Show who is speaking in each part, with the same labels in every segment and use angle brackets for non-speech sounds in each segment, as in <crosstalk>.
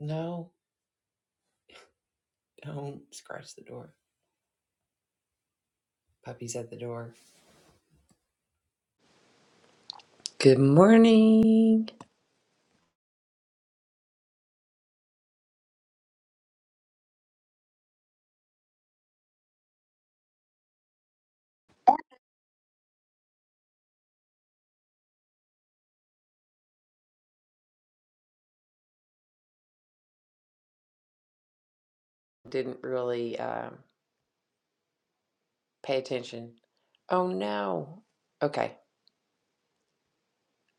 Speaker 1: No, don't scratch the door. Puppy's at the door. Good morning. Didn't really um, pay attention. Oh no. Okay,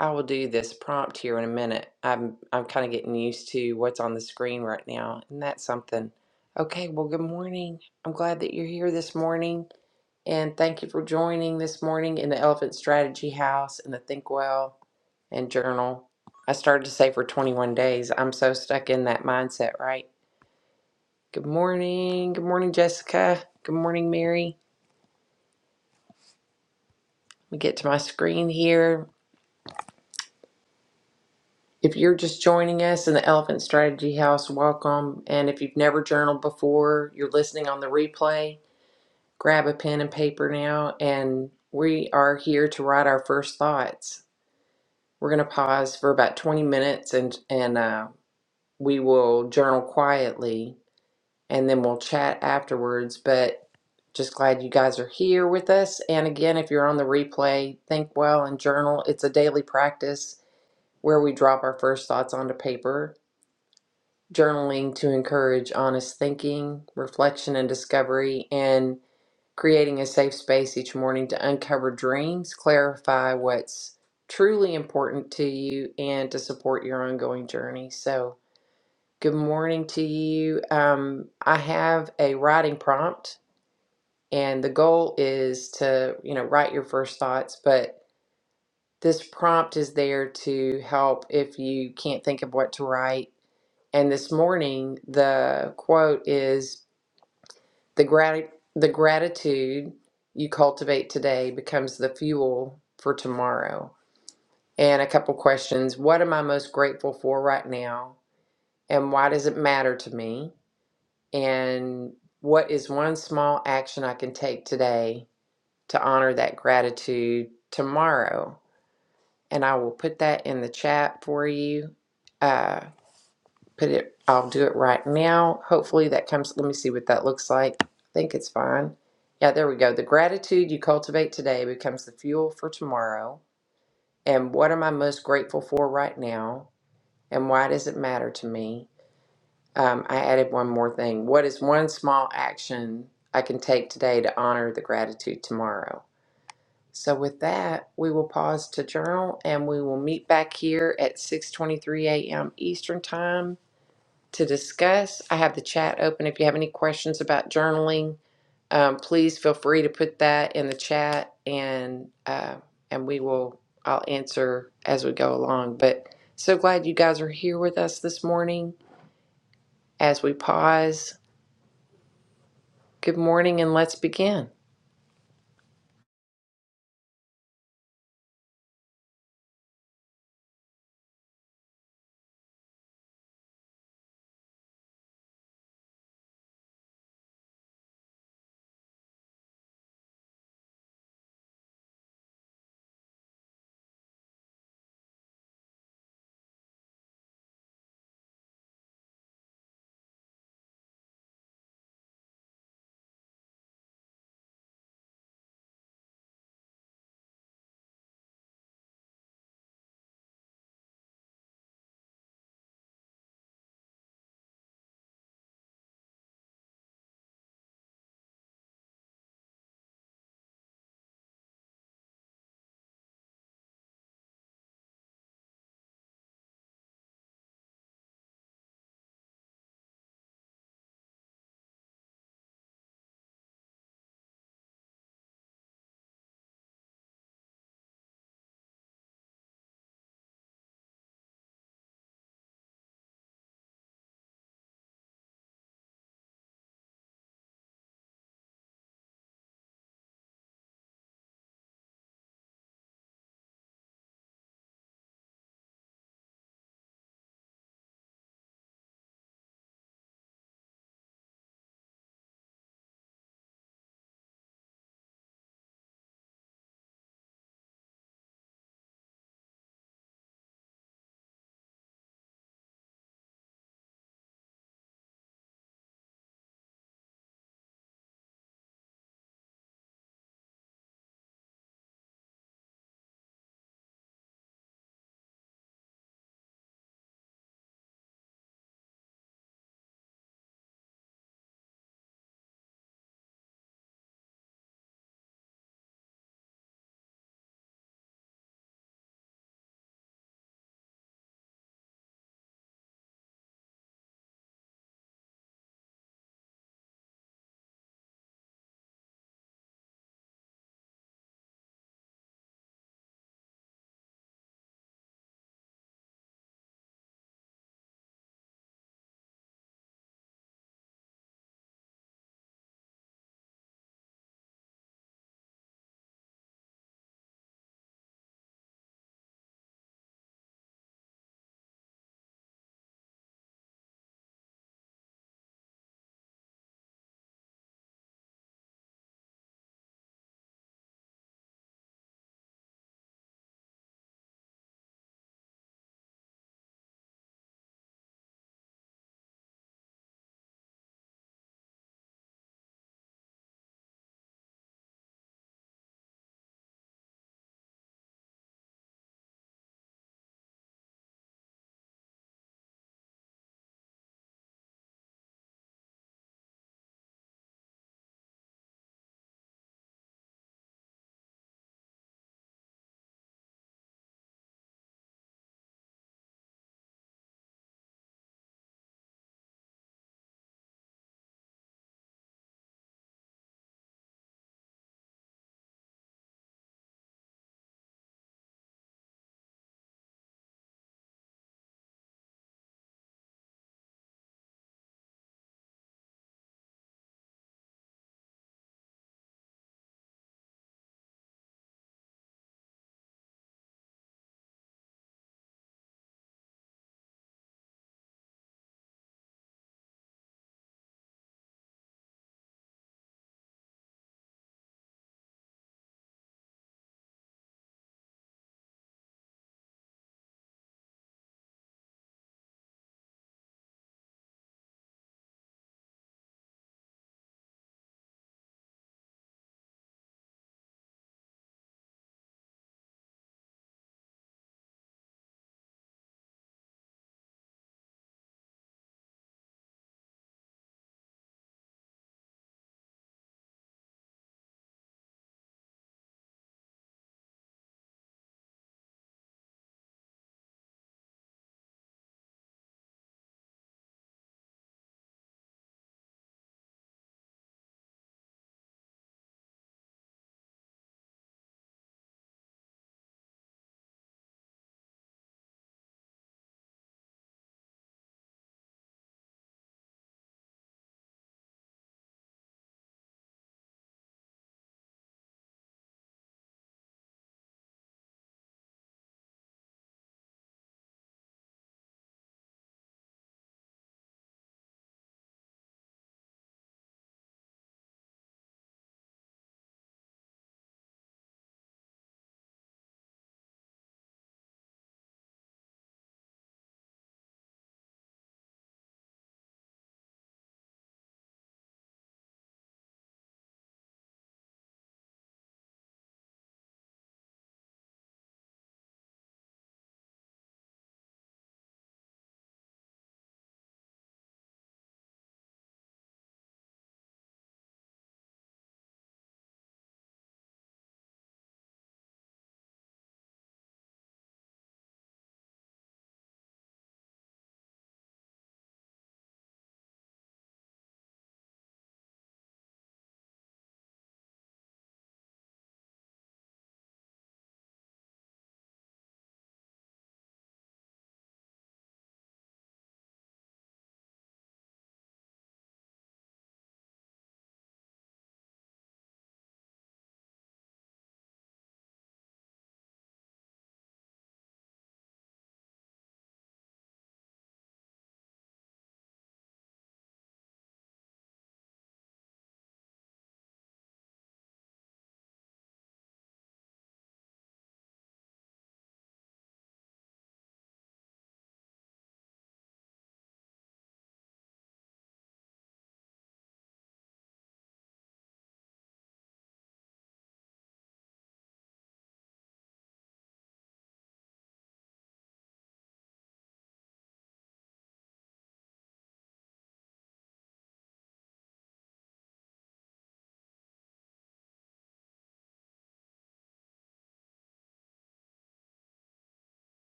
Speaker 1: I will do this prompt here in a minute. I'm I'm kind of getting used to what's on the screen right now, and that's something. Okay, well, good morning. I'm glad that you're here this morning. And thank you for joining this morning in the Elephant Strategy House and the Think Well and Journal. I started to say for 21 days. I'm so stuck in that mindset, right? Good morning. Good morning, Jessica. Good morning, Mary. Let me get to my screen here. If you're just joining us in the Elephant Strategy House, welcome. And if you've never journaled before, you're listening on the replay, grab a pen and paper now. And we are here to write our first thoughts. We're going to pause for about 20 minutes and, and uh, we will journal quietly and then we'll chat afterwards. But just glad you guys are here with us. And again, if you're on the replay, think well and journal. It's a daily practice where we drop our first thoughts onto paper. Journaling to encourage honest thinking, reflection, and discovery. And creating a safe space each morning to uncover dreams, clarify what's truly important to you, and to support your ongoing journey. So, good morning to you. Um, I have a writing prompt, and the goal is to, you know, write your first thoughts, but this prompt is there to help if you can't think of what to write. And this morning, the quote is The grat- the gratitude you cultivate today becomes the fuel for tomorrow. And a couple questions. What am I most grateful for right now? And why does it matter to me? And what is one small action I can take today to honor that gratitude tomorrow? And I will put that in the chat for you. Uh, put it, I'll do it right now. Hopefully that comes, let me see what that looks like. I think it's fine. Yeah, there we go. The gratitude you cultivate today becomes the fuel for tomorrow. And what am I most grateful for right now? And why does it matter to me? Um, I added one more thing. What is one small action I can take today to honor the gratitude tomorrow? So with that, we will pause to journal and we will meet back here at 6:23 a.m. Eastern Time to discuss. I have the chat open. If you have any questions about journaling, um, please feel free to put that in the chat, and uh, and we will I'll answer as we go along. But so glad you guys are here with us this morning as we pause. Good morning, and let's begin.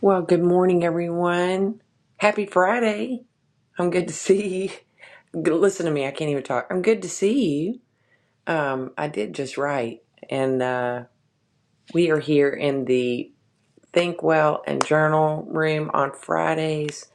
Speaker 1: Well, good morning, everyone. Happy Friday. I'm good to see you. G- Listen to me. I can't even talk. I'm good to see you. Um, I did just write, and uh, we are here in the Think Well and Journal Room on Fridays,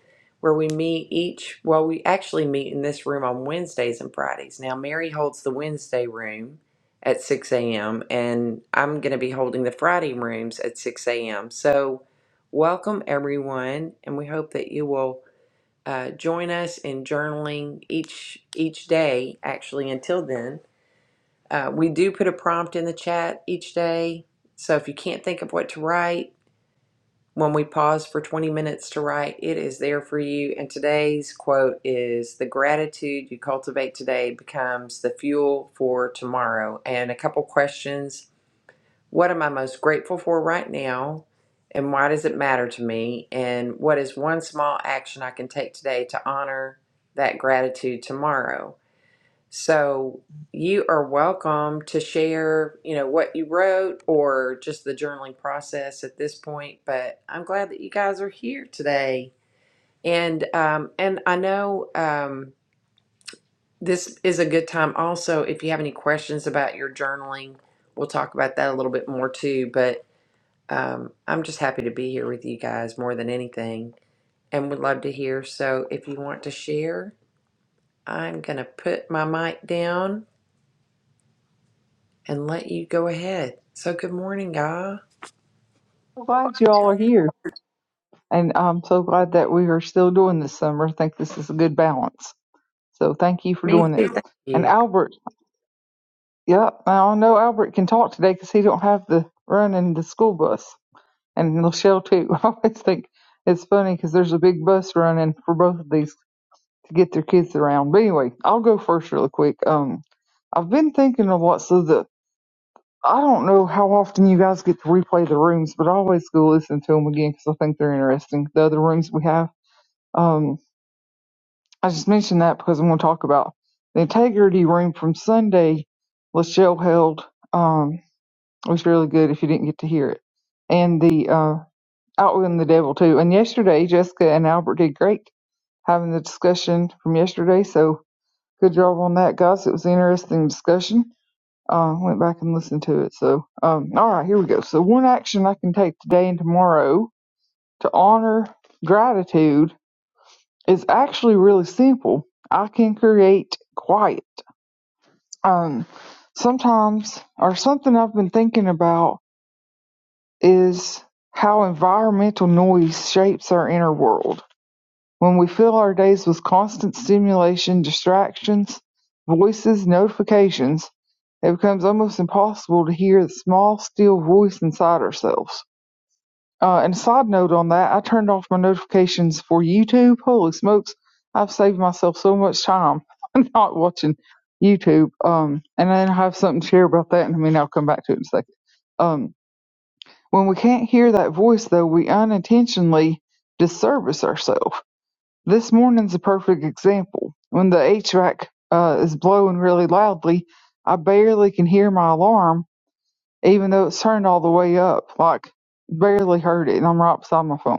Speaker 1: where we meet each. Well, we actually meet in this room on Wednesdays and Fridays. Now, Mary holds the Wednesday room at 6 a.m., and I'm going to be holding the Friday rooms at 6 a.m. So, welcome everyone, and we hope that you will. Uh, join us in journaling each each day. Actually, until then, uh, we do put a prompt in the chat each day. So if you can't think of what to write, when we pause for 20 minutes to write, it is there for you. And today's quote is The gratitude you cultivate today becomes the fuel for tomorrow. And a couple questions What am I most grateful for right now? And why does it matter to me? And what is one small action I can take today to honor that gratitude tomorrow? So you are welcome to share, you know, what you wrote or just the journaling process at this point. But I'm glad that you guys are here today. And um, and I know um, this is a good time. Also, if you have any questions about your journaling, we'll talk about that a little bit more too. But um, I'm just happy to be here with you guys more than anything, and would love to hear. So if you want to share, I'm gonna put my mic down and let you go ahead. So, good morning, y'all.
Speaker 2: so glad you all are here, and I'm so glad that we are still doing this summer. I think this is a good balance. So thank you for
Speaker 1: Me
Speaker 2: doing
Speaker 1: too.
Speaker 2: it.
Speaker 1: Thank
Speaker 2: And
Speaker 1: you.
Speaker 2: Albert, yep, I know Albert can talk today because he don't have the run in the school bus, and Michelle too. <laughs> I always think it's funny because there's a big bus running for both of these to get their kids around. But anyway, I'll go first really quick. Um, I've been thinking a lot, so the I don't know how often you guys get to replay the rooms, but I always go listen to them again because I think they're interesting. The other rooms we have. Um, I just mentioned that because I'm going to talk about the integrity room from Sunday. Lachelle held. Um, it was really good if you didn't get to hear it, and the uh, outwitting the devil too. And yesterday, Jessica and Albert did great having the discussion from yesterday. So good job on that, guys. It was an interesting discussion. Uh, went back and listened to it. So um, all right, here we go. So one action I can take today and tomorrow to honor gratitude It's actually really simple. I can create quiet. Um, sometimes, or something I've been thinking about is how environmental noise shapes our inner world. When we fill our days with constant stimulation, distractions, voices, notifications, it becomes almost impossible to hear the small, still voice inside ourselves. Uh, and a side note on that, I turned off my notifications for YouTube. Holy smokes, I've saved myself so much time <laughs> not watching YouTube. Um, and then I have something to share about that, and I mean, I'll come back to it in a second. Um, when we can't hear that voice, though, we unintentionally disservice ourselves. This morning's a perfect example. When the HVAC uh, is blowing really loudly, I barely can hear my alarm, even though it's turned all the way up. Like, barely heard it, and I'm right beside my phone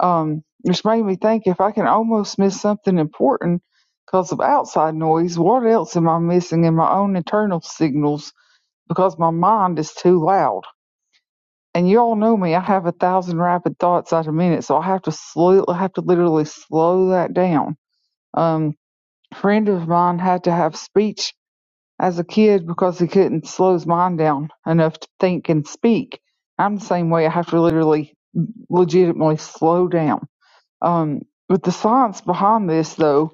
Speaker 2: um, which made me think if I can almost miss something important because of outside noise, what else am I missing in my own internal signals because my mind is too loud? And you all know me, I have a thousand rapid thoughts at a minute, so I have to slow, I have to literally slow that down. Um, a friend of mine had to have speech as a kid because he couldn't slow his mind down enough to think and speak. I'm the same way. I have to literally legitimately slow down um, but the science behind this, though,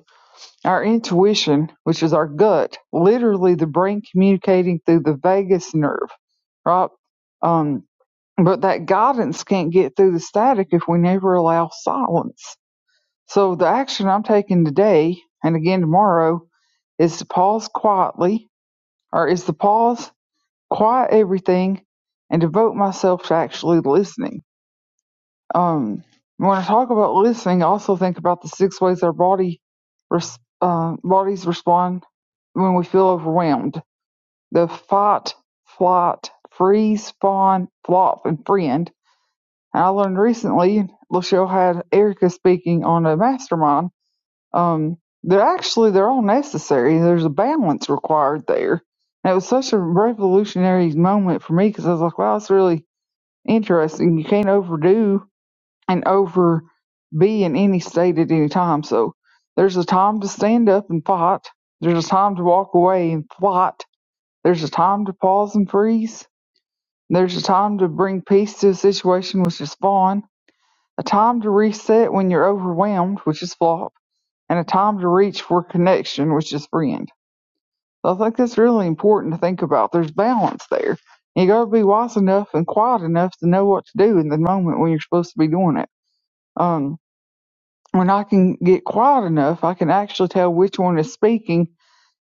Speaker 2: our intuition, which is our gut, literally the brain communicating through the vagus nerve, right? Um, but that guidance can't get through the static if we never allow silence. So the action I'm taking today and again tomorrow is to pause quietly, or is to pause, quiet everything, and devote myself to actually listening um, when I talk about listening, I also think about the six ways our body res- uh, bodies respond when we feel overwhelmed: the fight, flight, freeze, fawn, flop, and friend. And I learned recently, Lachelle had Erica speaking on a mastermind. Um, they're actually they're all necessary. There's a balance required there. And it was such a revolutionary moment for me because I was like, wow, it's really interesting. You can't overdo and over be in any state at any time. So there's a time to stand up and fight. There's a time to walk away and fight. There's a time to pause and freeze. There's a time to bring peace to a situation, which is fun. A time to reset when you're overwhelmed, which is flop. And a time to reach for connection, which is friend. So I think that's really important to think about. There's balance there. You got to be wise enough and quiet enough to know what to do in the moment when you're supposed to be doing it. Um, When I can get quiet enough, I can actually tell which one is speaking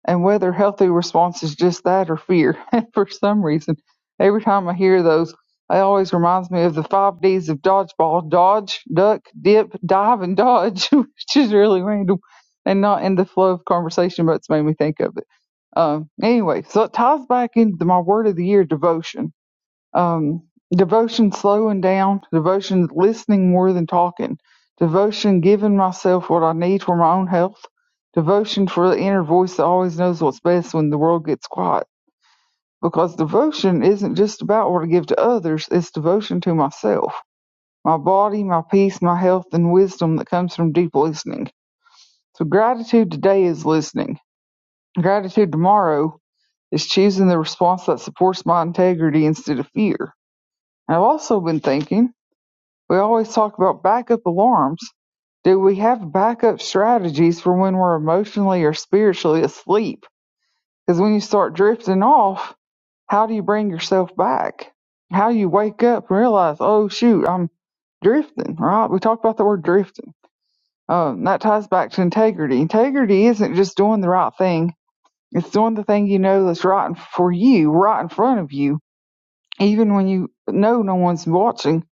Speaker 2: and whether healthy response is just that or fear. <laughs> For some reason, every time I hear those, it always reminds me of the five D's of dodgeball dodge, duck, dip, dive, and dodge, <laughs> which is really random and not in the flow of conversation, but it's made me think of it. Um, anyway, so it ties back into my word of the year devotion um, devotion slowing down, devotion listening more than talking, devotion giving myself what I need for my own health, devotion for the inner voice that always knows what's best when the world gets quiet. Because devotion isn't just about what I give to others, it's devotion to myself, my body, my peace, my health, and wisdom that comes from deep listening. So gratitude today is listening. Gratitude tomorrow is choosing the response that supports my integrity instead of fear. And I've also been thinking We always talk about backup alarms. Do we have backup strategies for when we're emotionally or spiritually asleep? Because when you start drifting off, how do you bring yourself back? How do you wake up and realize, oh shoot, I'm drifting, right? We talked about the word drifting. Um, that ties back to integrity. Integrity isn't just doing the right thing. It's doing the thing you know that's right for you, right in front of you, even when you know no one's watching,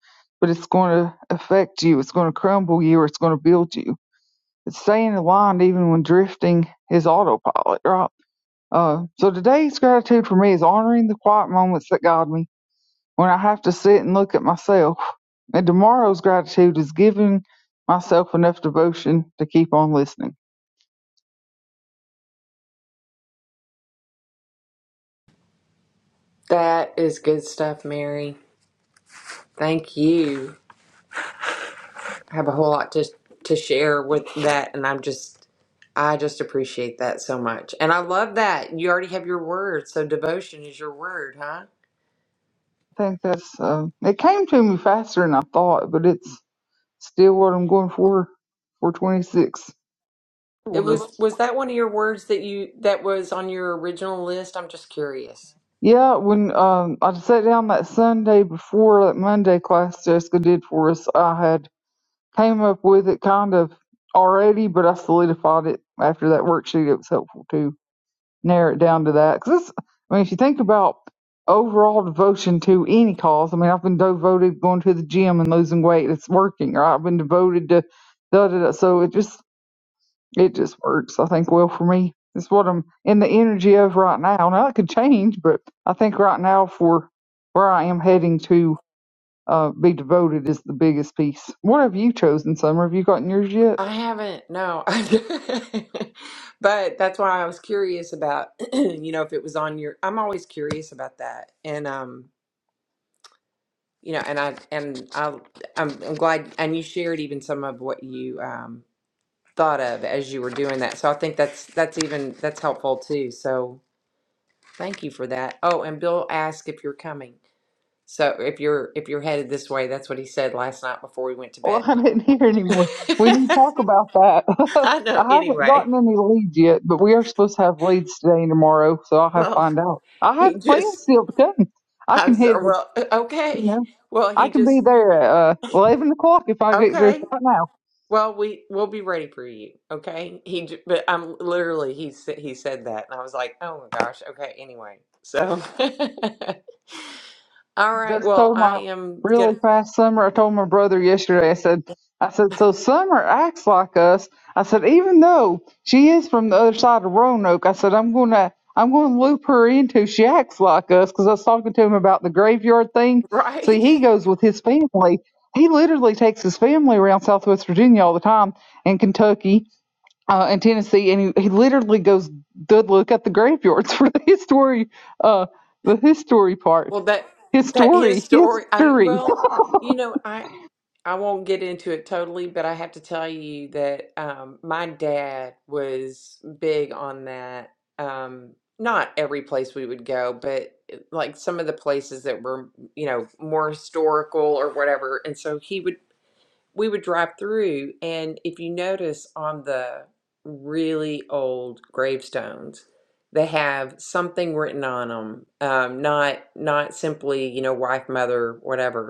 Speaker 2: but it's going to affect you. It's going to crumble you or it's going to build you. It's staying aligned even when drifting is autopilot, right? Uh, so today's gratitude for me is honoring the quiet moments that guide me when I have to sit and look at myself. And tomorrow's gratitude is giving myself enough devotion to keep on listening.
Speaker 1: That is good stuff, Mary. Thank you. I have a whole lot to to share with that, and I'm just, I just appreciate that so much, and I love that you already have your word. So, devotion is your word, huh?
Speaker 2: I think that's, uh, it came to me faster than I thought, but it's still what I'm going for for 26.
Speaker 1: It was was that one of your words that you that was on your original list? I'm just curious.
Speaker 2: Yeah, when um, I sat down that Sunday before that Monday class Jessica did for us, I had came up with it kind of already, but I solidified it after that worksheet. It was helpful to narrow it down to that because I mean, if you think about overall devotion to any cause, I mean, I've been devoted going to the gym and losing weight. It's working, right? I've been devoted to da da da. So it just it just works, I think, well for me. It's what I'm in the energy of right now. Now it could change, but I think right now for where I am heading to uh, be devoted is the biggest piece. What have you chosen, Summer? Have you gotten yours yet?
Speaker 1: I haven't, no. <laughs> But that's why I was curious about, <clears throat> you know, if it was on your, I'm always curious about that. And um, you know, and I and I I'm, I'm glad and you shared even some of what you um thought of as you were doing that. So I think that's that's even that's helpful too. So thank you for that. Oh, and Bill asked if you're coming. So if you're if you're headed this way, that's what he said last night before we went to bed.
Speaker 2: Well, <laughs> I didn't hear
Speaker 1: <laughs>
Speaker 2: anymore. We need to talk about that. <laughs>
Speaker 1: I know
Speaker 2: I haven't
Speaker 1: anyway.
Speaker 2: gotten any leads yet, but we are supposed to have leads today and tomorrow, so I'll have to
Speaker 1: Well,
Speaker 2: find out. I have
Speaker 1: he just
Speaker 2: plans still to come. I
Speaker 1: I'm
Speaker 2: can hit,
Speaker 1: sorry.
Speaker 2: the-
Speaker 1: Well, uh,
Speaker 2: you
Speaker 1: okay.
Speaker 2: know,
Speaker 1: Well,
Speaker 2: I
Speaker 1: he
Speaker 2: can be
Speaker 1: just
Speaker 2: there at uh, 11 o'clock if I get there
Speaker 1: okay.
Speaker 2: right now.
Speaker 1: Well, we we'll be ready for you. Okay. He, j- but I'm literally he sa- he said that, and I was like, oh my gosh. Okay. Anyway, so <laughs> all right.
Speaker 2: just
Speaker 1: Well,
Speaker 2: told
Speaker 1: I
Speaker 2: my
Speaker 1: am gonna
Speaker 2: really fast summer. I told my brother yesterday. I said, I said, so Summer acts like us. I said, even though she is from the other side of Roanoke, I said I'm gonna I'm gonna loop her into she acts like us because I was talking to him about the graveyard thing.
Speaker 1: <laughs>
Speaker 2: See,
Speaker 1: right.
Speaker 2: he goes with his family. He literally takes his family around Southwest Virginia all the time and Kentucky uh, in Tennessee, and he, he literally goes, to look at the graveyards <laughs> for the history, uh, the history part,
Speaker 1: Well, that that his
Speaker 2: history,
Speaker 1: story. I
Speaker 2: history."
Speaker 1: well, you know, I I won't get into it totally, but I have to tell you that um, my dad was big on that. Um, not every place we would go, but eh, like some of the places that were, you know, more historical or whatever. And so he would, we would drive through, and if you notice on the really old gravestones, they have something written on them. Um, not not simply, you know, wife, mother, whatever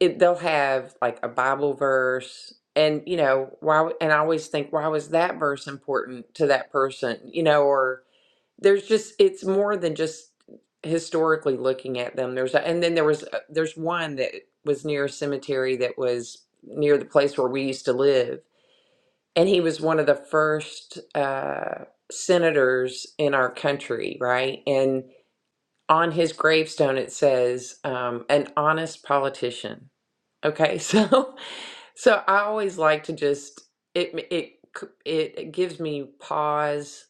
Speaker 1: it, they'll have like a Bible verse, and you know why? w- And I always think, why was that verse important to that person? You know, or there's just it's more than just historically looking at them. There's a, and then there was a- there's one that was near a cemetery that was near the place where we used to live, and he was one of the first uh, senators in our country, right? And on his gravestone it says, um, "An honest politician." Okay, so <laughs> so I always like to just it it c- it it gives me pause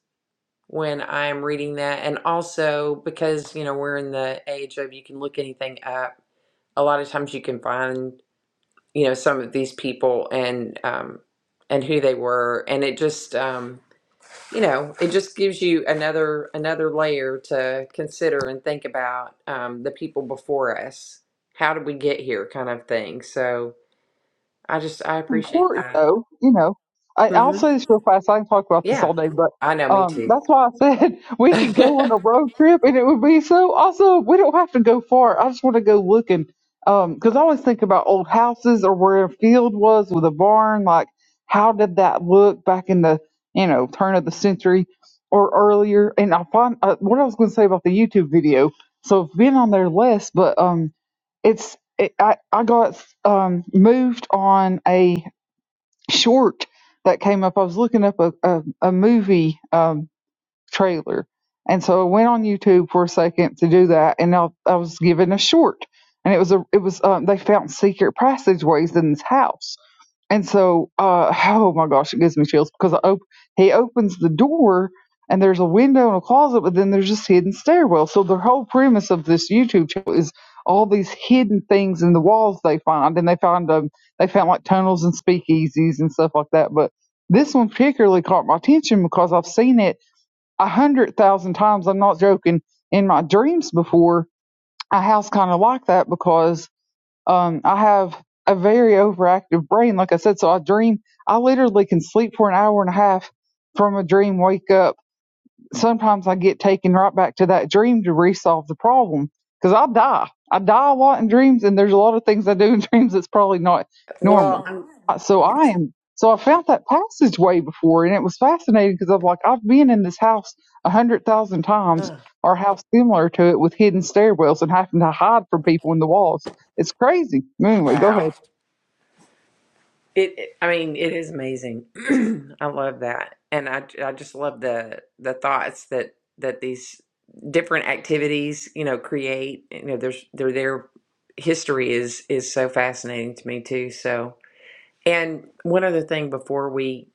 Speaker 1: when I'm reading that, and also because you know we're in the age of you can look anything up. A lot of times you can find you know some of these people and um and who they were, and it just um you know it just gives you another another layer to consider and think about um, the people before us. How did we get here, kind of thing. So. I just I appreciate
Speaker 2: important
Speaker 1: that.
Speaker 2: though, you know. I, I'll
Speaker 1: hmm
Speaker 2: say this real fast. I can talk about this
Speaker 1: Yeah,
Speaker 2: all day, but
Speaker 1: I know. Me
Speaker 2: um,
Speaker 1: too.
Speaker 2: that's why I said <laughs>
Speaker 1: <laughs>
Speaker 2: we could go on a road trip and it would be so awesome. We don't have to go far. I just want to go looking because I always think about old houses or where a field was with a barn. Like, how did that look back in the you know turn of the century or earlier? And I find uh, what I was going to say about the YouTube video. So I've been on there less, but um, it's it, I I got um moved on a short that came up. I was looking up a, a, a movie um, trailer. And so I went on YouTube for a second to do that, and I, I was given a short. And it was a it was um, they found secret passageways in this house, and so, uh, <laughs> oh my gosh, it gives me chills because I op- he opens the door and there's a window and a closet, but then there's this hidden stairwell. So the whole premise of this YouTube channel is all these hidden things in the walls they find, and they find um, they found like tunnels and speakeasies and stuff like that. But this one particularly caught my attention because I've seen it a hundred thousand times. I'm not joking. In my dreams before, a house kind of like that because um, I have a very overactive brain, like I said, so I dream. I literally can sleep for an hour and a half from a dream, wake up sometimes I get taken right back to that dream to resolve the problem because I die. I die a lot in dreams, and there's a lot of things I do in <laughs> dreams that's probably not
Speaker 1: well,
Speaker 2: normal.
Speaker 1: I'm,
Speaker 2: Uh, So I am. So I found that passageway before, and it was fascinating because I'm like, I've been in this house a hundred thousand times,
Speaker 1: oh,
Speaker 2: or a house similar to it with hidden stairwells and having to hide from people in the walls. It's crazy. Anyway, go
Speaker 1: wow.
Speaker 2: ahead.
Speaker 1: It, it. I mean, it is amazing. <clears throat> I love that, and I I just love the the thoughts that that these different activities you know create. You know, there's their their history is is so fascinating to me too. So, and one other thing before we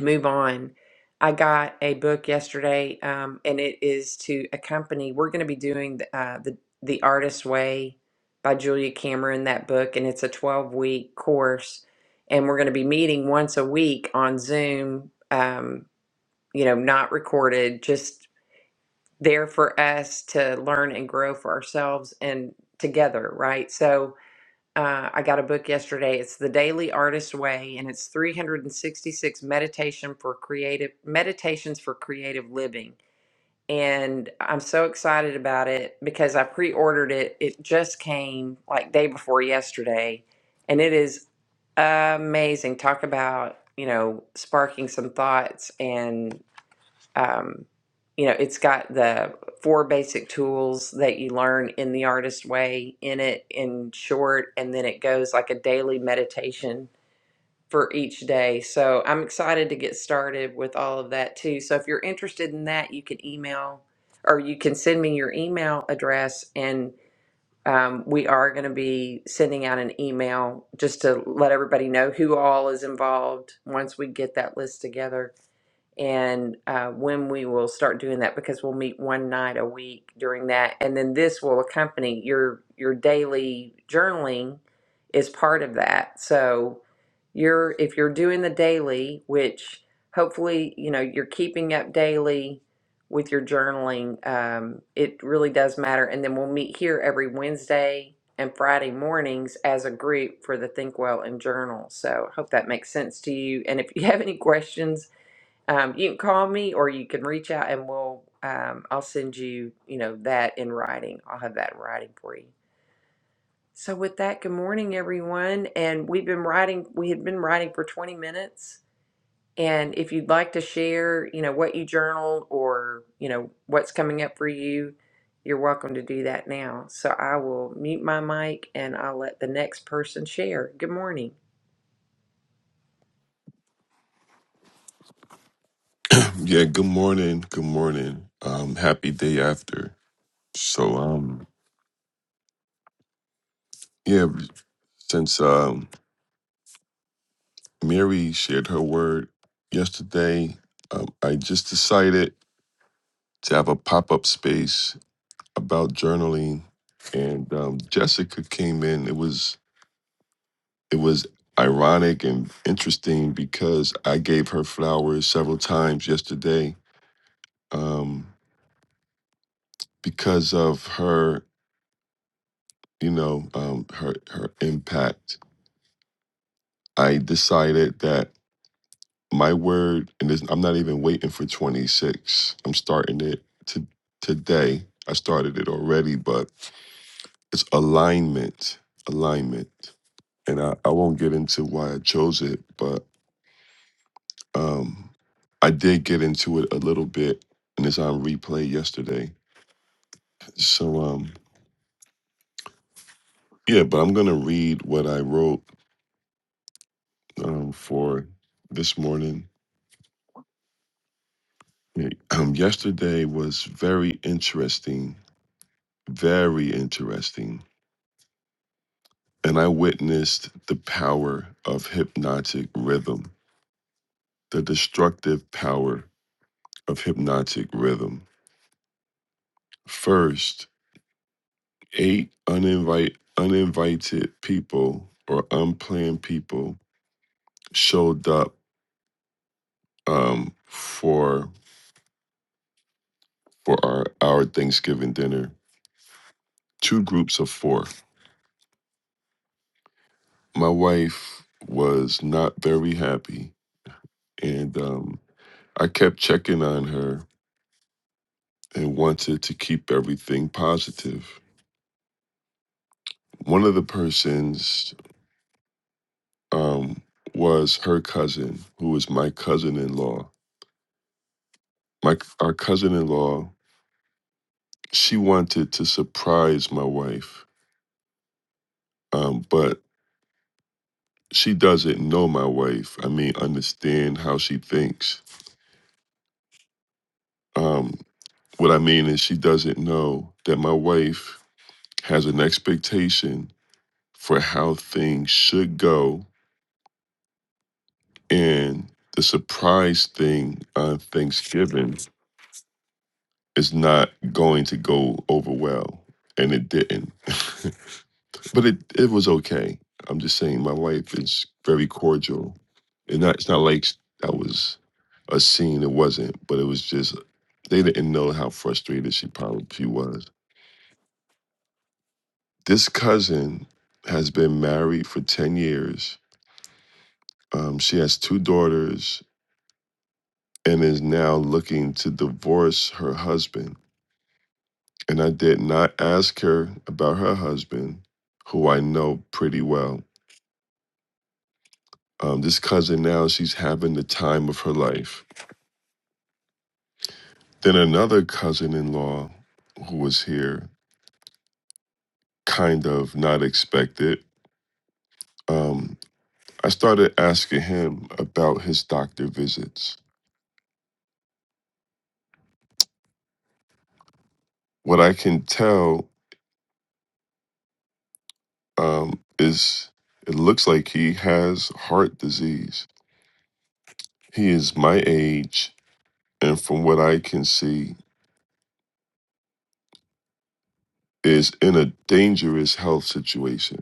Speaker 1: move on. I got a book yesterday, um, and it is to accompany. We're going to be doing the, uh, the the Artist's Way by Julia Cameron that book, and it's a twelve week course, and we're going to be meeting once a week on Zoom. Um, you know, not recorded, just there for us to learn and grow for ourselves and together, right? So uh, I got a book yesterday. It's The Daily Artist Way, and it's 366 meditation for creative meditations for creative living. And I'm so excited about it because I pre-ordered it. It just came like day before yesterday, and it is amazing. Talk about you know sparking some thoughts and um, you know, it's got the four basic tools that you learn in the artist way in it in short, and then it goes like a daily meditation for each day. So I'm excited to get started with all of that too. So if you're interested in that, you can email or you can send me your email address and um, we are going to be sending out an email just to let everybody know who all is involved once we get that list together and uh, when we will start doing that because we'll meet one night a week during that and then this will accompany your your daily journaling is part of that so you're if you're doing the daily which hopefully you know you're keeping up daily with your journaling um, it really does matter and then we'll meet here every wednesday and friday mornings as a group for the think well and journal so I hope that makes sense to you and if you <laughs> have any questions um, you can call me or you can reach out and we'll um, I'll send you, you know, that in writing. I'll have that in writing for you. So with that, good morning everyone. And we've been writing we had been writing for 20 minutes. And if you'd like to share, you know, what you journaled or, you know, what's coming up for you, you're welcome to do that now. So I will mute my mic and I'll let the next person share. Good morning.
Speaker 3: Yeah, good morning. Good morning. Um, happy day after. So, um, yeah, since um, Mary shared her word yesterday, um, I just decided to have a pop up space about journaling, and um, Jessica came in. It was it was ironic and interesting because I gave her flowers several times yesterday um, because of her, you know, um, her her impact I decided that my word, and this, I'm not even waiting for 26. I'm starting it to today. I started it already, but it's alignment, alignment. And I, I won't get into why I chose it, but um, I did get into it a little bit, and it's on replay yesterday. So um, yeah, but I'm gonna read what I wrote um, for this morning. Um, yesterday was very interesting Very interesting. And I witnessed the power of hypnotic rhythm, the destructive power of hypnotic rhythm. First, eight uninvite, uninvited people or unplanned people showed up um, for for our, our Thanksgiving dinner. Two groups of four. My wife was not very happy, and um, I kept checking on her and wanted to keep everything positive. One of the persons um, was her cousin, who was my cousin-in-law. My our cousin-in-law, she wanted to surprise my wife, um, but she doesn't know my wife. I mean, understand how she thinks. Um, what I mean is, she doesn't know that my wife has an expectation for how things should go And the surprise thing on Thanksgiving is not going to go over well. And it didn't. <laughs> but it, it was okay. I'm just saying my wife is very cordial. And not, it's not like that was a scene, it wasn't, but it was just they didn't know how frustrated she probably she was. This cousin has been married for 10 years. Um, she has two daughters and is now looking to divorce her husband and I did not ask her about her husband, who I know pretty well. Um, this cousin now, she's having the time of her life. Then another cousin in law who was here, kind of not expected, um, I started asking him about his doctor visits. What I can tell um, is it looks like he has heart disease. He is my age, and from what I can see, is in a dangerous health situation.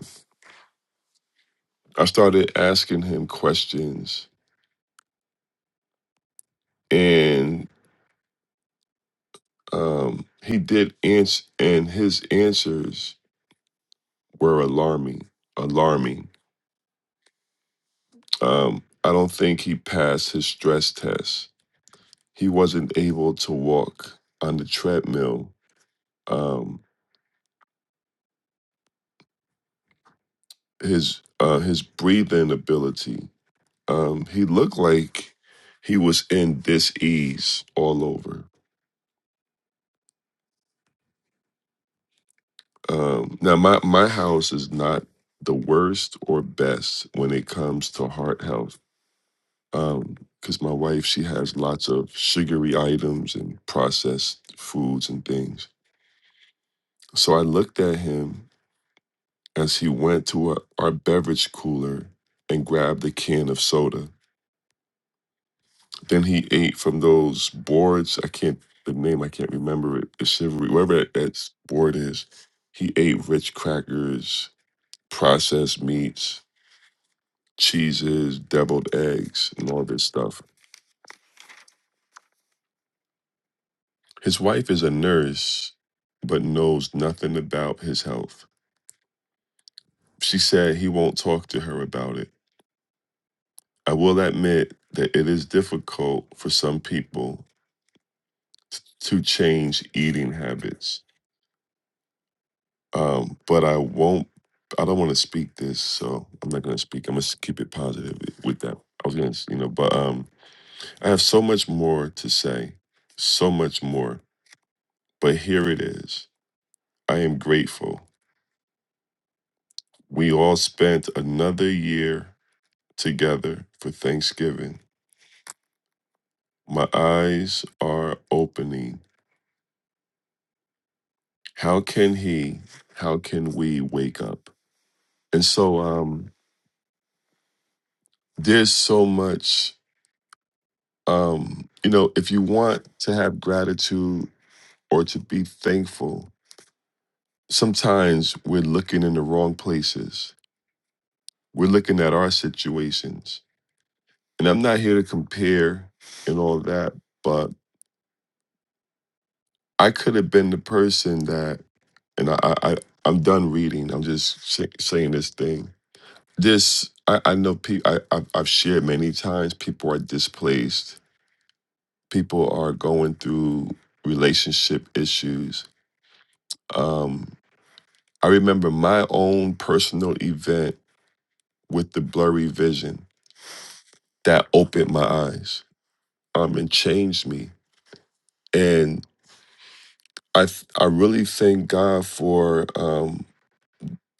Speaker 3: I started asking him questions, and um, he did ans and his answers were alarming. Alarming. Um, I don't think he passed his stress test. He wasn't able to walk on the treadmill. Um, his uh, his breathing ability. Um, he looked like he was in dis ease all over Um, now, my my house is not the worst or best when it comes to heart health, because my wife she has lots of sugary items and processed foods and things. So I looked at him as he went to a, our beverage cooler and grabbed a can of soda. Then he ate from those boards. I can't the name. I can't remember it. The chivalry, whatever that, that board is. He ate rich crackers, processed meats cheeses, deviled eggs, and all this stuff. His wife is a nurse, but knows nothing about his health. She said he won't talk to her about it. I will admit that it is difficult for some people t- to change eating habits, um, but I won't. I don't want to speak this, so I'm not going to speak. I'm going to keep it positive with that. I was going to, you know, but um, I have so much more to say, so much more. But here it is. I am grateful We all spent another year together for Thanksgiving. My eyes are opening. How can he, how can we wake up? And so um there's so much um you know if you want to have gratitude or to be thankful, sometimes we're looking in the wrong places. We're looking at our situations. And I'm not here to compare and all that, but I could have been the person that and I, I, I I'm done reading. I'm just say, saying this thing. This I, I know. Pe- I I've, I've shared many times. People are displaced. People are going through relationship issues. Um, I remember my own personal event with the blurry vision that opened my eyes um, and changed me. And I th- I really thank God for um,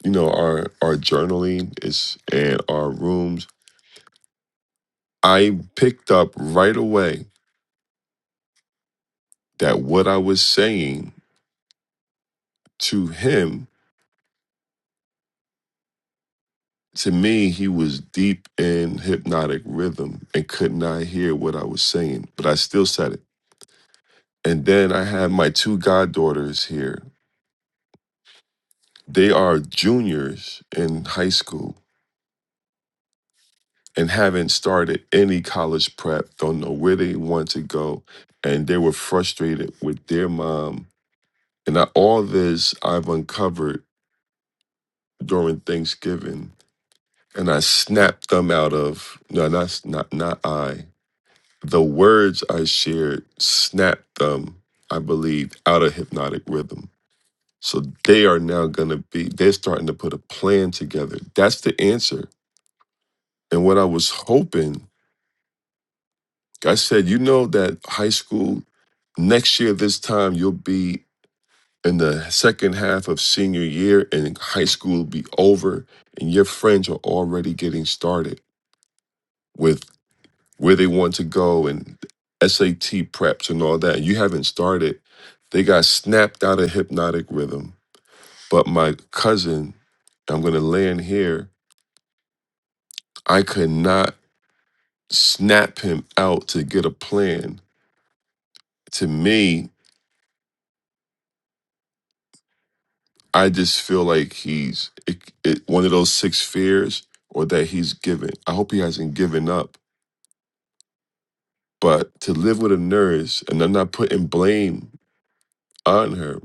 Speaker 3: you know our our journaling is and our rooms I picked up right away that what I was saying to him, to me, he was deep in hypnotic rhythm and could not hear what I was saying, but I still said it. And then I had my two goddaughters here. They are juniors in high school and haven't started any college prep, don't know where they want to go. And they were frustrated with their mom. And I, all this I've uncovered during Thanksgiving and I snapped them out of no, not not not I. The words I shared snapped them, I believe, out of hypnotic rhythm. So they are now gonna be. They're starting to put a plan together. That's the answer. And what I was hoping, I said, you know, that high school next year this time you'll be in the second half of senior year, and high school will be over, and your friends are already getting started with. where they want to go and SAT preps and all that. You haven't started. They got snapped out of hypnotic rhythm. But my cousin, I'm going to land here, I could not snap him out to get a plan. To me, I just feel like he's it, it, one of those six fears or that he's given. I hope he hasn't given up. But to live with a nurse, and I'm not putting blame on her,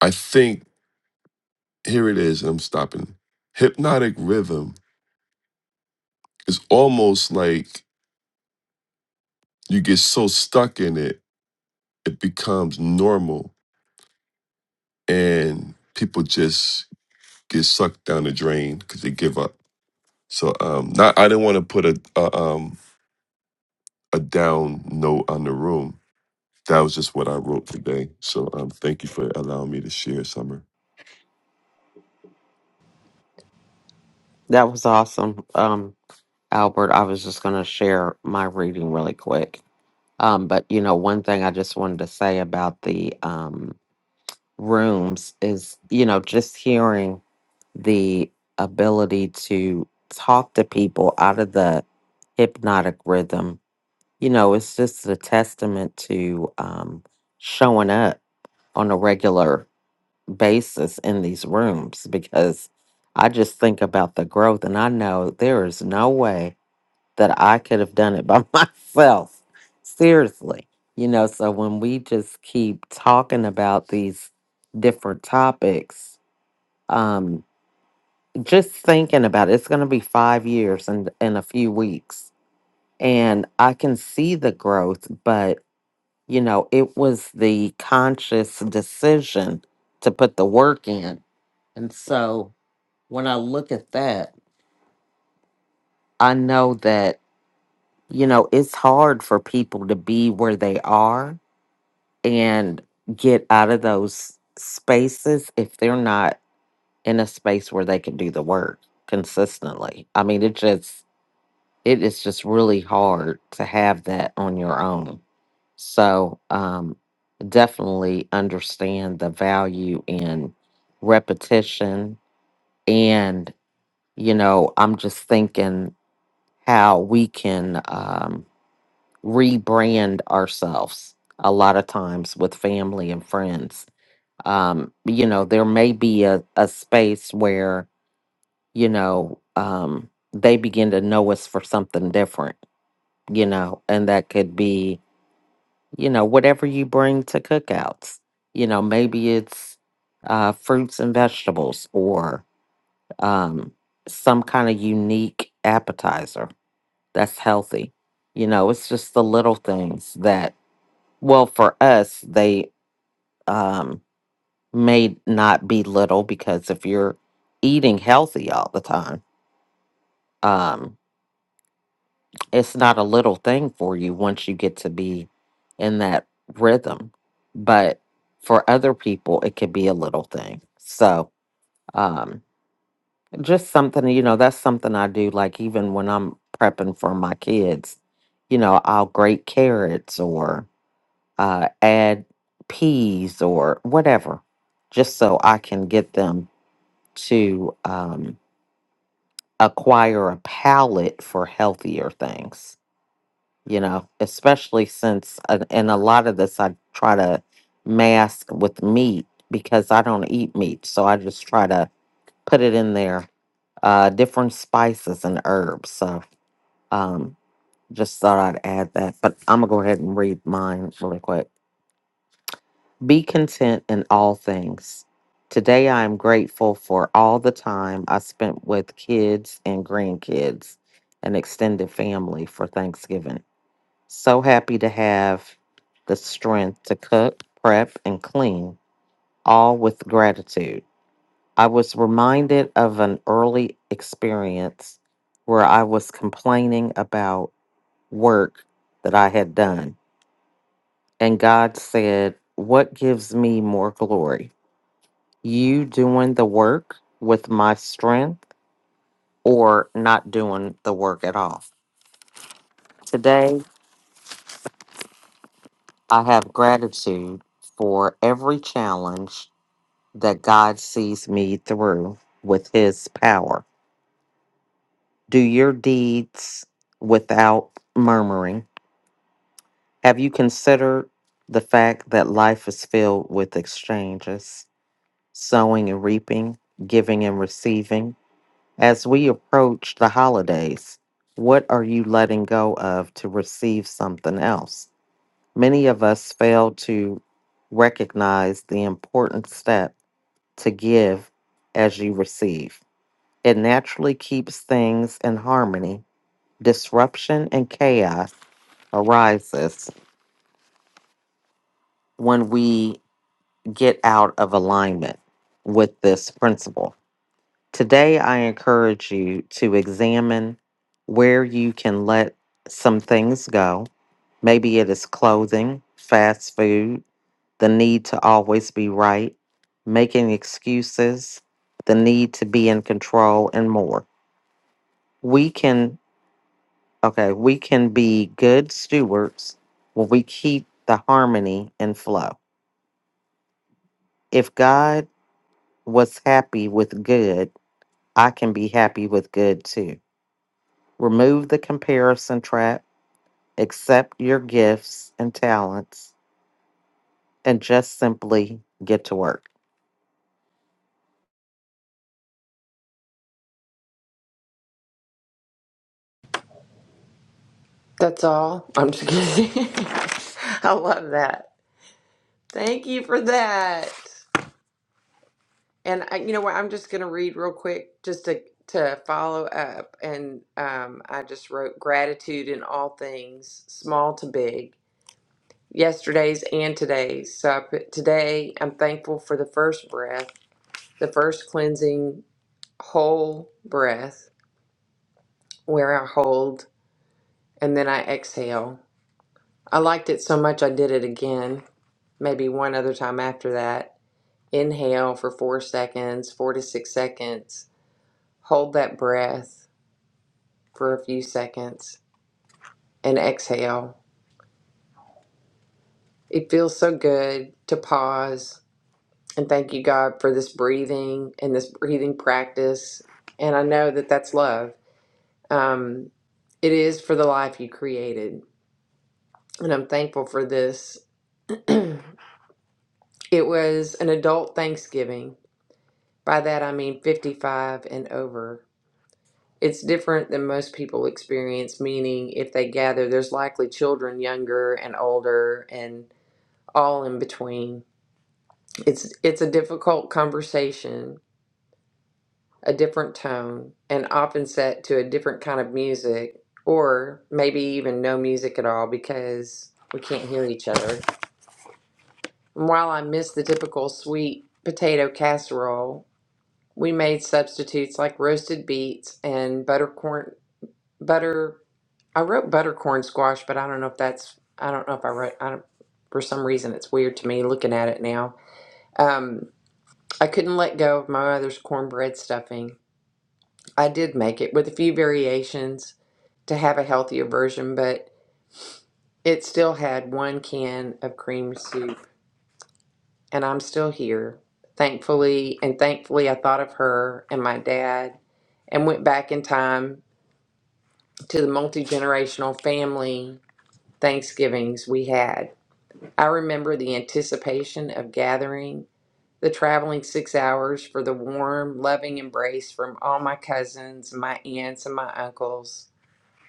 Speaker 3: I think here it is, and I'm stopping. Hypnotic rhythm is almost like you get so stuck in it, it becomes normal, and people just get sucked down the drain because they give up. So, um, not I didn't want to put a, a um a down note on the room. That was just what I wrote today. So, um, thank you for allowing me to share, Summer.
Speaker 4: That was awesome, um, Albert. I was just going to share my reading really quick. Um, but, you know, one thing I just wanted to say about the um, rooms is, you know, just hearing the ability to talk to people out of the hypnotic rhythm, you know, it's just a testament to um, showing up on a regular basis in these rooms because I just think about the growth and I know there is no way that I could have done it by <laughs> myself. Seriously. You know, so when we just keep talking about these different topics, um, just thinking about it, it's going to be five years in, in a few weeks. And I can see the growth, but, you know, it was the conscious decision to put the work in. And so when I look at that, I know that, you know, it's hard for people to be where they are and get out of those spaces if they're not in a space where they can do the work consistently. I mean, it just it is just really hard to have that on your own. So, um definitely understand the value in repetition and you know, I'm just thinking how we can um rebrand ourselves a lot of times with family and friends um, you know, there may be a, a space where, you know, um, they begin to know us for something different, you know, and that could be, you know, whatever you bring to cookouts. You know, maybe it's uh, fruits and vegetables or um, some kind of unique appetizer that's healthy. You know, it's just the little things that, well, for us, they, um, may not be little because if you're eating healthy all the time, um, it's not a little thing for you once you get to be in that rhythm. But for other people, it could be a little thing. So um, just something, you know, that's something I do. Like even when I'm prepping for my kids, you know, I'll grate carrots or uh, add peas or whatever, just so I can get them to. Um, acquire a palate for healthier things, you know, especially since, and and a lot of this I try to mask with meat because I don't eat meat. So I just try to put it in there, uh, different spices and herbs. So um, just thought I'd add that. But I'm going to go ahead and read mine really quick. Be content in all things. Today, I am grateful for all the time I spent with kids and grandkids and extended family for Thanksgiving. So happy to have the strength to cook, prep, and clean, all with gratitude. I was reminded of an early experience where I was complaining about work that I had done, and God said, What gives me more glory? you doing the work with my strength or not doing the work at all. Today, I have gratitude for every challenge that God sees me through with his power. Do your deeds without murmuring. Have you considered the fact that life is filled with exchanges, sowing and reaping, giving and receiving? As we approach the holidays, what are you letting go of to receive something else? Many of us fail to recognize the important step to give as you receive. It naturally keeps things in harmony. Disruption and chaos arises when we get out of alignment with this principle. Today, I encourage you to examine where you can let some things go. Maybe it is clothing, fast food, the need to always be right, making excuses, the need to be in control, and more. We can, okay, we can be good stewards when we keep the harmony and flow. If God was happy with good, I can be happy with good too. Remove the comparison trap accept your gifts and talents, and just simply get to work.
Speaker 1: That's all. I'm just kidding. <laughs> I love that. Thank you for that. And I, you know what? I'm just going to read real quick just to to follow up. And um, I just wrote gratitude in all things, small to big, yesterday's and today's. So I put today. I'm thankful for the first breath, the first cleansing whole breath, where I hold and then I exhale. I liked it so much I did it again. Maybe one other time after that. Inhale for four seconds, four to six seconds Hold that breath for a few seconds and exhale. It feels so good to pause and thank you, God, for this breathing and this breathing practice. And I know that that's love. Um, it is for the life you created. And I'm thankful for this. <clears throat> it was an adult Thanksgiving. By that, I mean 55 and over. It's different than most people experience, meaning if they gather, there's likely children younger and older. and all in between. It's it's a difficult conversation, a different tone, and often set to a different kind of music, or maybe even no music at all because we can't hear each other. And while I miss the typical sweet potato casserole, we made substitutes like roasted beets and buttercorn butter. I wrote buttercorn squash, but I don't know if that's I don't know if I wrote. I don't, for some reason, it's weird to me looking at it now. Um, I couldn't let go of my mother's cornbread stuffing. I did make it with a few variations to have a healthier version, but it still had one can of cream soup, and I'm still here. Thankfully, and thankfully, I thought of her and my dad and went back in time to the multi generational family Thanksgivings we had. I remember the anticipation of gathering the traveling six hours for the warm, loving embrace from all my cousins, my aunts, and my uncles,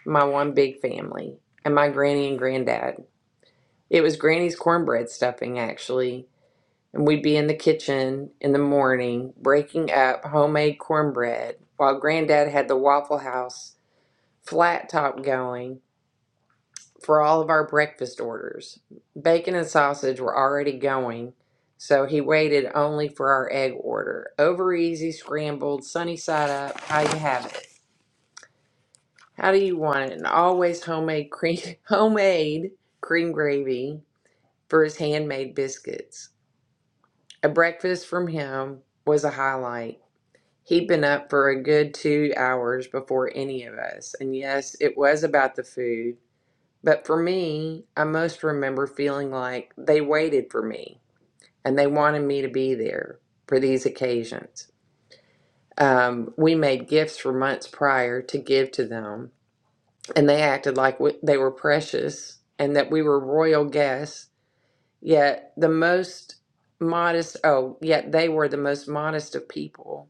Speaker 1: my one big family, and my granny and granddad. It was granny's cornbread stuffing, actually, and we'd be in the kitchen in the morning breaking up homemade cornbread while granddad had the Waffle House flat top going for all of our breakfast orders. Bacon and sausage were already going, so he waited only for our egg order. Over easy, scrambled, sunny side up, how you have it. How do you want it? And always homemade cream, <laughs> homemade cream gravy for his handmade biscuits. A breakfast from him was a highlight. He'd been up for a good two hours before any of us, and yes, it was about the food But for me, I most remember feeling like they waited for me and they wanted me to be there for these occasions. Um, we made gifts for months prior to give to them, and they acted like we, they were precious and that we were royal guests. Yet the most modest, oh, yet they were the most modest of people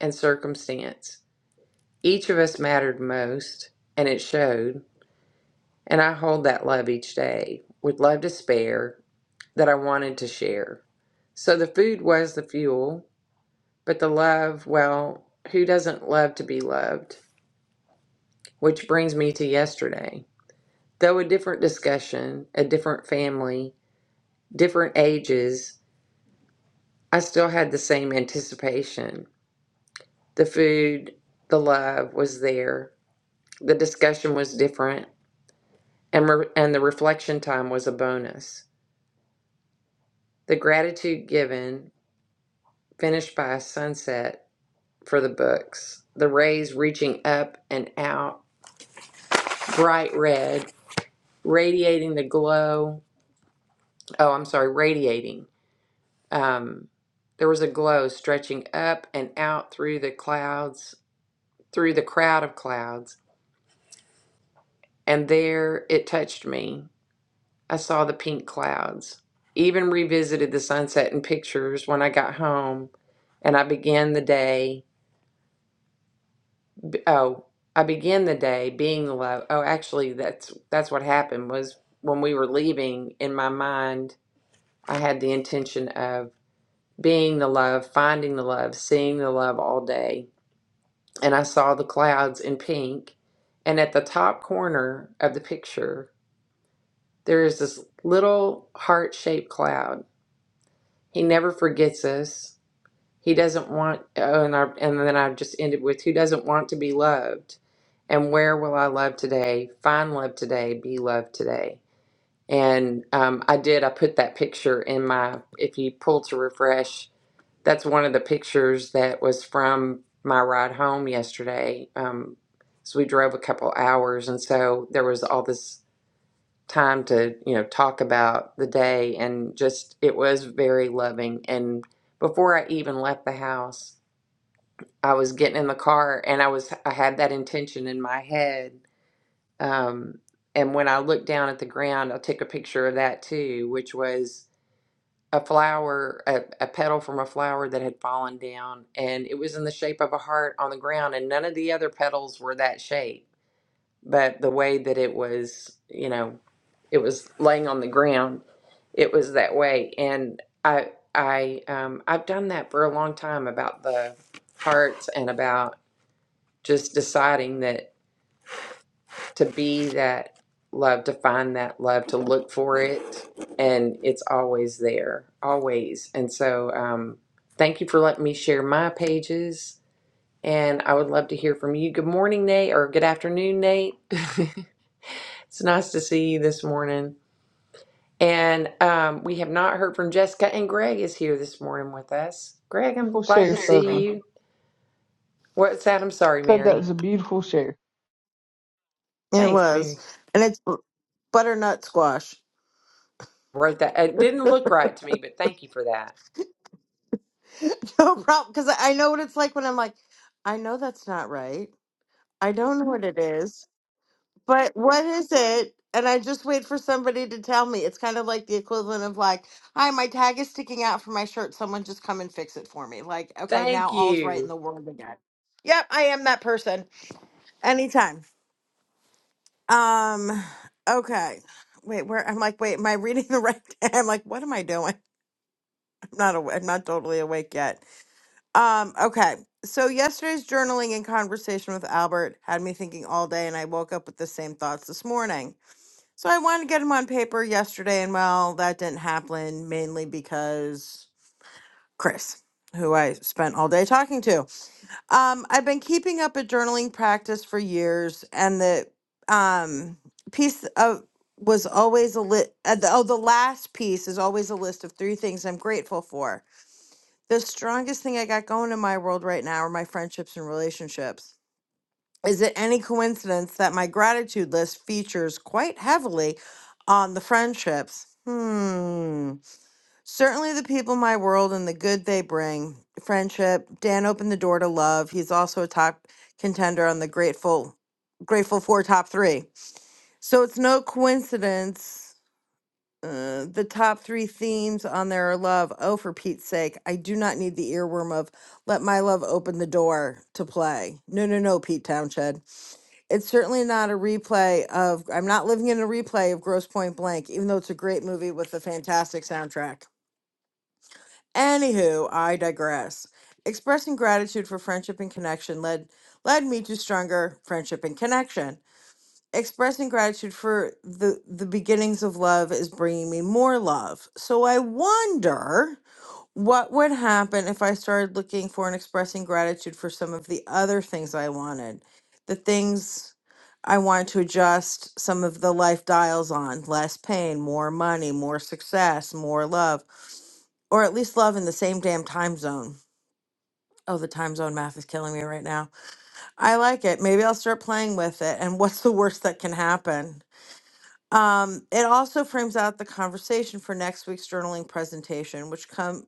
Speaker 1: and circumstance. Each of us mattered most, and it showed and I hold that love each day with love to spare that I wanted to share. So the food was the fuel, but the love, well, who doesn't love to be loved? Which brings me to yesterday. Though a different discussion, a different family, different ages, I still had the same anticipation. The food, the love was there. The discussion was different, and, re- and the reflection time was a bonus. The gratitude given, finished by a sunset, for the books. The rays reaching up and out, bright red, radiating the glow. Oh, I'm sorry, radiating. Um, there was a glow stretching up and out through the clouds, through the crowd of clouds. And there it touched me. I saw the pink clouds. Even revisited the sunset in pictures when I got home and I began the day Oh, I began the day being low. Oh, actually, that's that's what happened was when we were leaving, in my mind, I had the intention of being the love, finding the love, seeing the love all day. And I saw the clouds in pink. And at the top corner of the picture, there is this little heart-shaped cloud. He never forgets us. He doesn't want, oh, and, I, and then I just ended with, who doesn't want to be loved? And where will I love today? Find love today, be loved today. And um, I did, I put that picture in my, if you pull to refresh, that's one of the pictures that was from my ride home yesterday. Um, so we drove a couple hours. And so there was all this time to, you know, talk about the day. And just, it was very loving. And before I even left the house, I was getting in the car and I was I had that intention in my head. Um, and when I looked down at the ground, I took a picture of that too, which was a flower, a, a petal from a flower that had fallen down, and it was in the shape of a heart on the ground. And none of the other petals were that shape, but the way that it was, you know, it was laying on the ground, it was that way. And I, I, um, I've done that for a long time about the hearts and about just deciding that to be that love, to find that love, to look for it, and it's always there, always. And so, um, thank you for letting me share my pages. And I would love to hear from you. Good morning, Nate, or good afternoon, Nate. <laughs> it's nice to see you this morning. And um, we have not heard from Jessica, and Greg is here this morning with us. Greg, I'm
Speaker 2: We'll
Speaker 1: glad
Speaker 2: share
Speaker 1: to
Speaker 2: something.
Speaker 1: see you. What's that? I'm sorry,
Speaker 2: So
Speaker 1: Mary.
Speaker 2: there,
Speaker 5: It
Speaker 1: Thanks, Mary.
Speaker 5: was, and it's butternut squash.
Speaker 1: wrote that. It didn't look right to me, but thank you for that.
Speaker 5: <laughs> No problem, because I I know what it's like when I'm like, I know that's not right. I don't know what it is, but what is it? And I just wait for somebody to tell me. It's kind of like the equivalent of like, "Hi, my tag is sticking out from my shirt. Someone just come and fix it for me." Like, okay, now
Speaker 1: Thank
Speaker 5: all's right in
Speaker 1: you.
Speaker 5: the world again. Yep, I am that person. Anytime. Um. Okay. Wait, where I'm like, wait, am I reading the right? <laughs> I'm like, what am I doing? <laughs> I'm not. aw- I'm not totally awake yet. Um, okay. So yesterday's journaling and conversation with Albert had me thinking all day and I woke up with the same thoughts this morning. So I wanted to get them on paper yesterday and well, that didn't happen mainly because Chris, who I spent all day talking to. Um, I've been keeping up a journaling practice for years and the um piece of was always a lit uh, the, oh the last piece is always a list of three things I'm grateful for the strongest thing I got going in my world right now are my friendships and relationships. Is it any coincidence that my gratitude list features quite heavily on the friendships? Hmm. Certainly the people in my world and the good they bring. Friendship. Dan opened the door to love. He's also a top contender on the grateful grateful for top three. So it's no coincidence uh, the top three themes on there are love. Oh, for Pete's sake, I do not need the earworm of let my love open the door to play. No, no, no, Pete Townshend. It's certainly not a replay of, I'm not living in a replay of Gross Point Blank, even though it's a great movie with a fantastic soundtrack. Anywho, I digress. Expressing gratitude for friendship and connection led led me to stronger friendship and connection expressing gratitude for the the beginnings of love is bringing me more love. So I wonder what would happen if I started looking for and expressing gratitude for some of the other things I wanted, the things I wanted to adjust some of the life dials on, less pain, more money, more success, more love, or at least love in the same damn time zone. Oh, the time zone math is killing me right now. I like it. Maybe I'll start playing with it. And what's the worst that can happen? Um, it also frames out the conversation for next week's journaling presentation, which come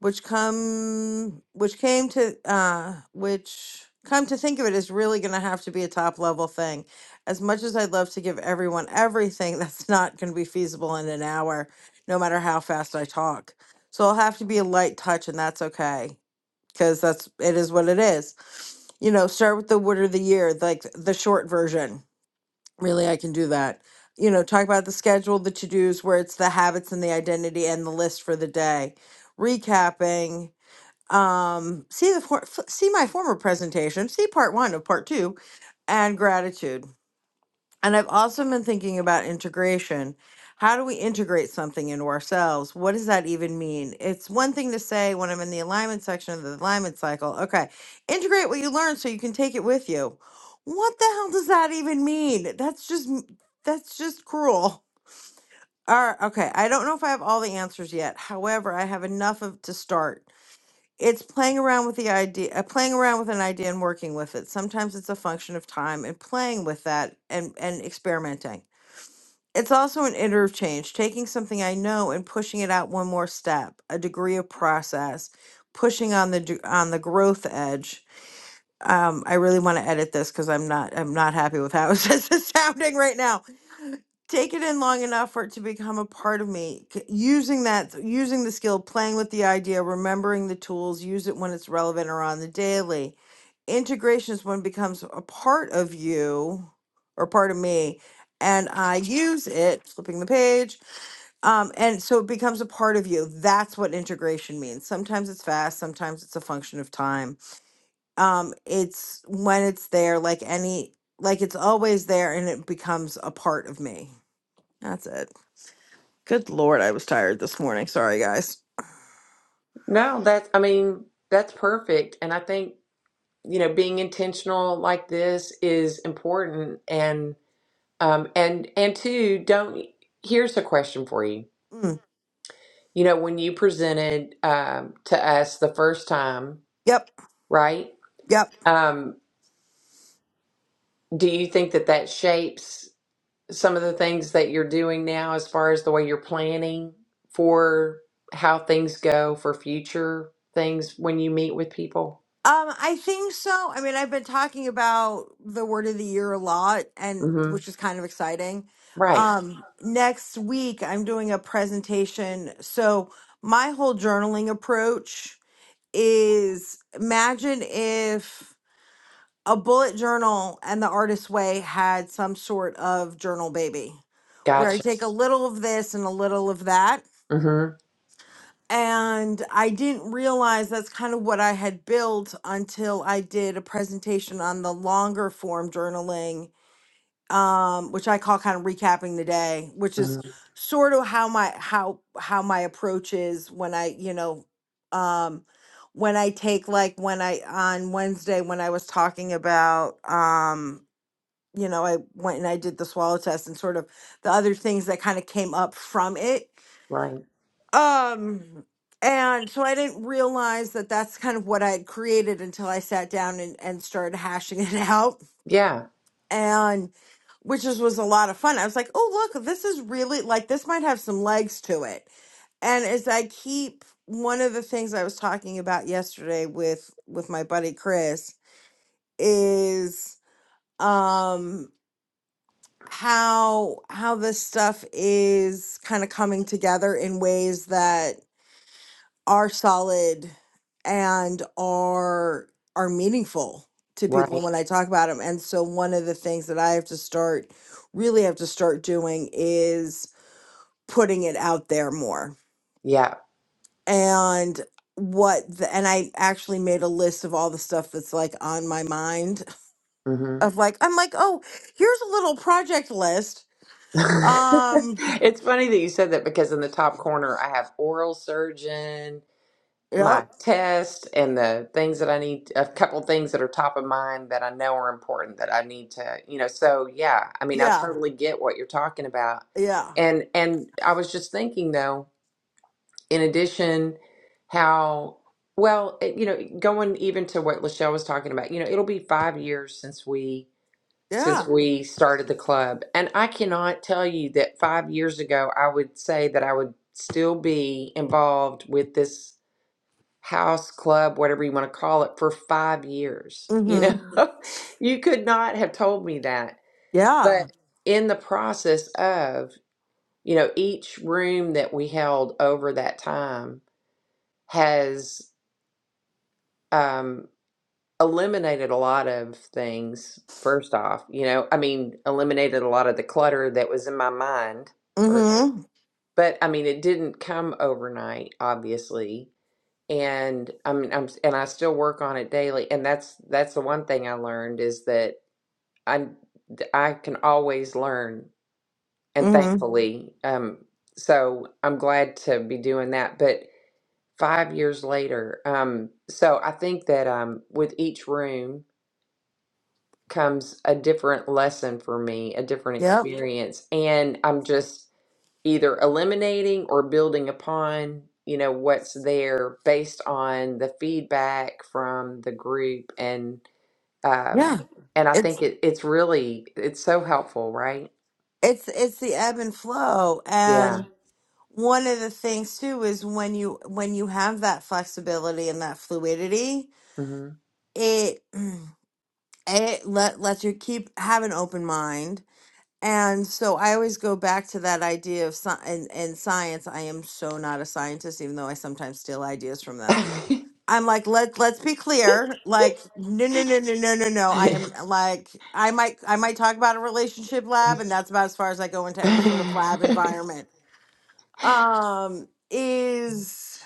Speaker 5: which come which came to uh which come to think of it is really going to have to be a top level thing. As much as I'd love to give everyone everything, <laughs> that's not going to be feasible in an hour, no matter how fast I talk. So I'll have to be a light touch, and that's okay because that's it is what it is. You know, start with the word of the year, like the short version Really, I can do that. You know, talk about the schedule, the to dos, where it's the habits and the identity and the list for the day. Recapping. Um, see the for, f- see my former presentation. See part one of part two, and gratitude. And I've also been thinking about integration. How do we integrate something into ourselves? What does that even mean? It's one thing to say when I'm in the alignment section of the alignment cycle, okay, integrate what you learn so you can take it with you. What the hell does that even mean? That's just m- that's just cruel. All right, okay, I don't know if I have all the answers yet. However, I have enough of to start. It's playing around with the idea, uh, playing around with an idea and working with it. Sometimes it's a function of time and playing with that and and experimenting it's also an interchange, taking something I know and pushing it out one more step, a degree of process, pushing on the d- on the growth edge. Um, I really want to edit this because I'm not I'm not happy with how <laughs> this is sounding right now take it in long enough for it to become a part of me C- using that using the skill playing with the idea remembering the tools use it when it's relevant or on the daily integration is when it becomes a part of you or part of me and i use it flipping the page um, and so it becomes a part of you that's what integration means sometimes it's fast sometimes it's a function of time um, it's when it's there like any like it's always there and it becomes a part of me that's it Good lord, I was tired this morning. Sorry, guys.
Speaker 1: No, that's, I mean, that's perfect. And I think, you know, being intentional like this is important. And, um, and, and two, don't, here's a question for you.
Speaker 5: Mm,
Speaker 1: You know, when you presented, um, to us the first time,
Speaker 5: yep,
Speaker 1: right?
Speaker 5: yep.
Speaker 1: Um, do you think that that shapes? some of the things that you're doing now as far as the way you're planning for how things go for future things when you meet with people?
Speaker 5: Um, I think so. I mean, I've been talking about the word of the year a lot, and
Speaker 1: hmm
Speaker 5: which is kind of exciting.
Speaker 1: Right.
Speaker 5: Um, next week I'm doing a presentation. So my whole journaling approach is imagine if a bullet journal and the artist's way had some sort of journal baby where I
Speaker 1: Gotcha.
Speaker 5: take a little of this and a little of that
Speaker 1: hmm
Speaker 5: And I didn't realize that's kind of what I had built until I did a presentation on the longer form journaling, um, which I call kind of recapping the day, which
Speaker 1: hmm
Speaker 5: is sort of how my how how my approach is when I, you know, um, when I take like when I on Wednesday when I was talking about um, you know, I went and I did the swallow test and sort of the other things that kind of came up from it
Speaker 1: Right.
Speaker 5: um, and so I didn't realize that that's kind of what I had created until I sat down and, and started hashing <laughs> it out.
Speaker 1: Yeah.
Speaker 5: And which is, was a lot of fun. I was like, oh, look, this is really like this might have some legs to it. And as I keep one of the things I was talking about yesterday with with my buddy Chris is um how how this stuff is kind of coming together in ways that. are solid and are are meaningful to people
Speaker 1: Right.
Speaker 5: when I talk about them. And so one of the things that I have to start really have to start doing is putting it out there more.
Speaker 1: Yeah.
Speaker 5: And what the, and I actually made a list of all the stuff that's like on my mind
Speaker 1: hmm
Speaker 5: of like I'm like, "Oh, here's a little project list."
Speaker 1: <laughs>
Speaker 5: Um,
Speaker 1: it's funny that you said that because in the top corner I have oral surgeon,
Speaker 5: yep.
Speaker 1: my test and the things that I need, a couple things that are top of mind that I know are important that I need to, you know, so yeah, I mean, I
Speaker 5: Yeah.
Speaker 1: totally get what you're talking about.
Speaker 5: Yeah.
Speaker 1: And and I was just thinking though, in addition, how well, it, you know, going even to what Lachelle was talking about, you know, it'll be five years since we since
Speaker 5: Yeah.
Speaker 1: we started the club. And I cannot tell you that five years ago I would say that I would still be involved with this house club whatever you want to call it for 5 years you know
Speaker 5: Mhm.
Speaker 1: <laughs> you could not have told me that
Speaker 5: Yeah.
Speaker 1: but in the process of you know each room that we held over that time has um eliminated a lot of things first off you know i mean eliminated a lot of the clutter that was in my mind first off
Speaker 5: Mhm.
Speaker 1: but i mean it didn't come overnight obviously and I'm, I'm and I still work on it daily. And that's that's the one thing I learned is that I I can always learn, and
Speaker 5: Mhm.
Speaker 1: thankfully, um, so I'm glad to be doing that. But five years later, um, so I think that um, with each room comes a different lesson for me, a different Yeah.
Speaker 5: Yep.
Speaker 1: experience, and I'm just either eliminating or building upon you know what's there based on the feedback from the group and
Speaker 5: Yeah.
Speaker 1: um and i think
Speaker 5: it's
Speaker 1: it, it's really it's so helpful right
Speaker 5: it's it's the ebb and flow
Speaker 1: yeah
Speaker 5: and one of the things too is when you when you have that flexibility and that fluidity
Speaker 1: hmm
Speaker 5: it <clears throat> it let lets you keep have an open mind and so i always go back to that idea of sci- and, and science i am so not a scientist even though i sometimes steal ideas from them
Speaker 1: <laughs>
Speaker 5: I'm like, let let's be clear. Like, no, no, no, no, no, no, no. I am like, I might I might talk about a relationship lab, and that's about as far as I go into any sort of lab environment. Um, is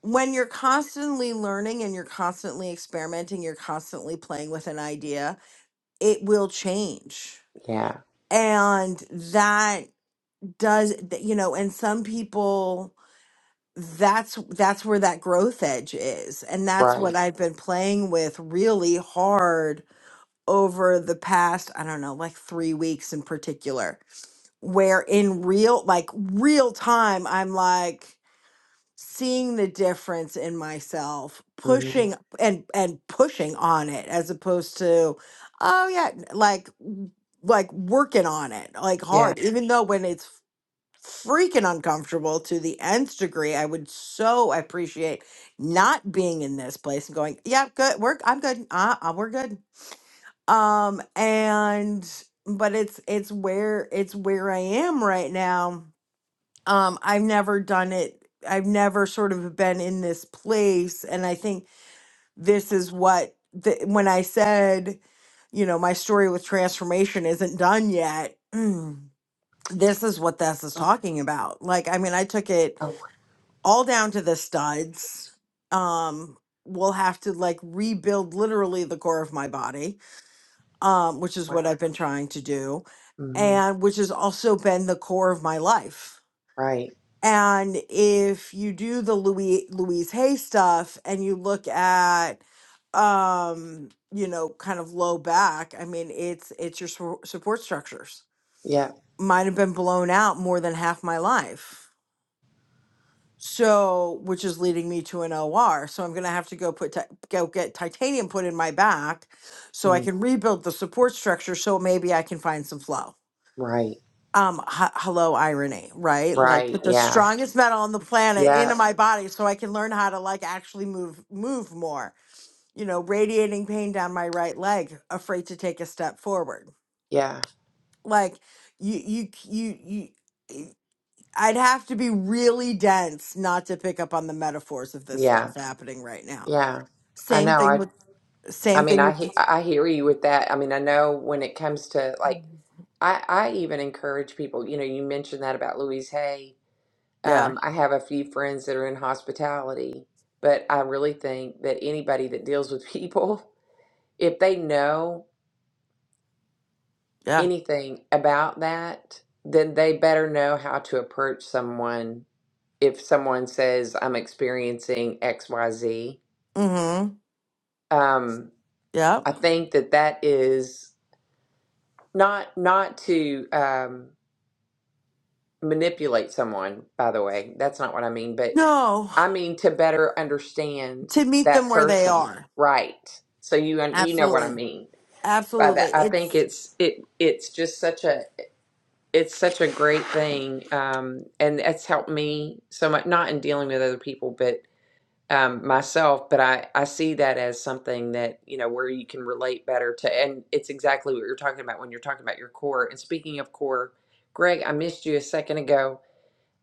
Speaker 5: when you're constantly learning and you're constantly experimenting, you're constantly playing with an idea, it will change.
Speaker 1: yeah
Speaker 5: And that does, th- you know, and some people that's that's where that growth edge is and that's what
Speaker 1: right
Speaker 5: I've been playing with really hard over the past I don't know like 3 weeks in particular where in real like real time I'm like seeing the difference in myself
Speaker 1: hmm
Speaker 5: pushing and and pushing on it as opposed to oh yeah like like working on it like
Speaker 1: yeah
Speaker 5: hard even though when it's freaking uncomfortable to the nth degree. I would so appreciate not being in this place and going, yeah, good, we're I'm good, uh, uh, we're good. Um, and but it's it's where it's where I am right now. Um, I've never done it. I've never sort of been in this place, and I think this is what the, when I said, you know, my story with transformation isn't done yet. <clears throat> this is what this is
Speaker 1: oh
Speaker 5: talking about. Like, I mean, I took it
Speaker 1: oh,
Speaker 5: all down to the studs. Um, will have to like rebuild literally the core of my body, um, which is what
Speaker 1: wow
Speaker 5: I've been trying to do,
Speaker 1: hmm
Speaker 5: and which has also been the core of my life.
Speaker 1: right
Speaker 5: And if you do the Louis Louise Hay stuff and you look at um you know kind of low back i mean it's it's your su- support structures
Speaker 1: yeah
Speaker 5: mine have been blown out more than half my life So, which is leading me to an OR. So I'm going to have to go put ti- go get titanium put in my back, so I
Speaker 1: mm,
Speaker 5: can rebuild the support structure. So maybe I can find some flow.
Speaker 1: right
Speaker 5: Um, h- hello, irony, right? Like
Speaker 1: right
Speaker 5: put the
Speaker 1: yeah
Speaker 5: strongest metal on the planet
Speaker 1: yeah
Speaker 5: into my body, so I can learn how to like actually move move more. You know, radiating pain down my right leg, afraid to take a step forward.
Speaker 1: yeah
Speaker 5: Like you you you you. I'd have to be really dense not to pick up on the metaphors of this
Speaker 1: yeah
Speaker 5: stuff happening right now.
Speaker 1: yeah i
Speaker 5: Same thing
Speaker 1: know
Speaker 5: with
Speaker 1: I
Speaker 5: same
Speaker 1: mean,
Speaker 5: thing
Speaker 1: I
Speaker 5: with
Speaker 1: he-
Speaker 5: this.
Speaker 1: I hear you with that. I mean, I know when it comes to like, I I even encourage people. You know, you mentioned that about Louise Hay.
Speaker 5: Yeah,
Speaker 1: Um, I have a few friends that are in hospitality, but I really think that anybody that deals with <laughs> people, if they know
Speaker 5: yeah.
Speaker 1: anything about that, then they better know how to approach someone. If someone says, "I'm experiencing X, Y, Z,"
Speaker 5: Mm-hmm.
Speaker 1: um,
Speaker 5: Yep.
Speaker 1: I think that that is not not to. Um, manipulate someone, by the way. That's not what I mean, but
Speaker 5: No,
Speaker 1: I mean to better understand
Speaker 5: to meet
Speaker 1: that
Speaker 5: them where they
Speaker 1: person,
Speaker 5: are.
Speaker 1: right? So you un- you know what I
Speaker 5: Absolutely.
Speaker 1: mean by
Speaker 5: Absolutely.
Speaker 1: that. I think
Speaker 5: It's
Speaker 1: it's it it's just such a it's such a great thing, um, and it's helped me so much. Not in dealing with other people, but um, myself. But I I see that as something that you know where you can relate better to, and it's exactly what you're talking about when you're talking about your core. And speaking of core, Greg, I missed you a second ago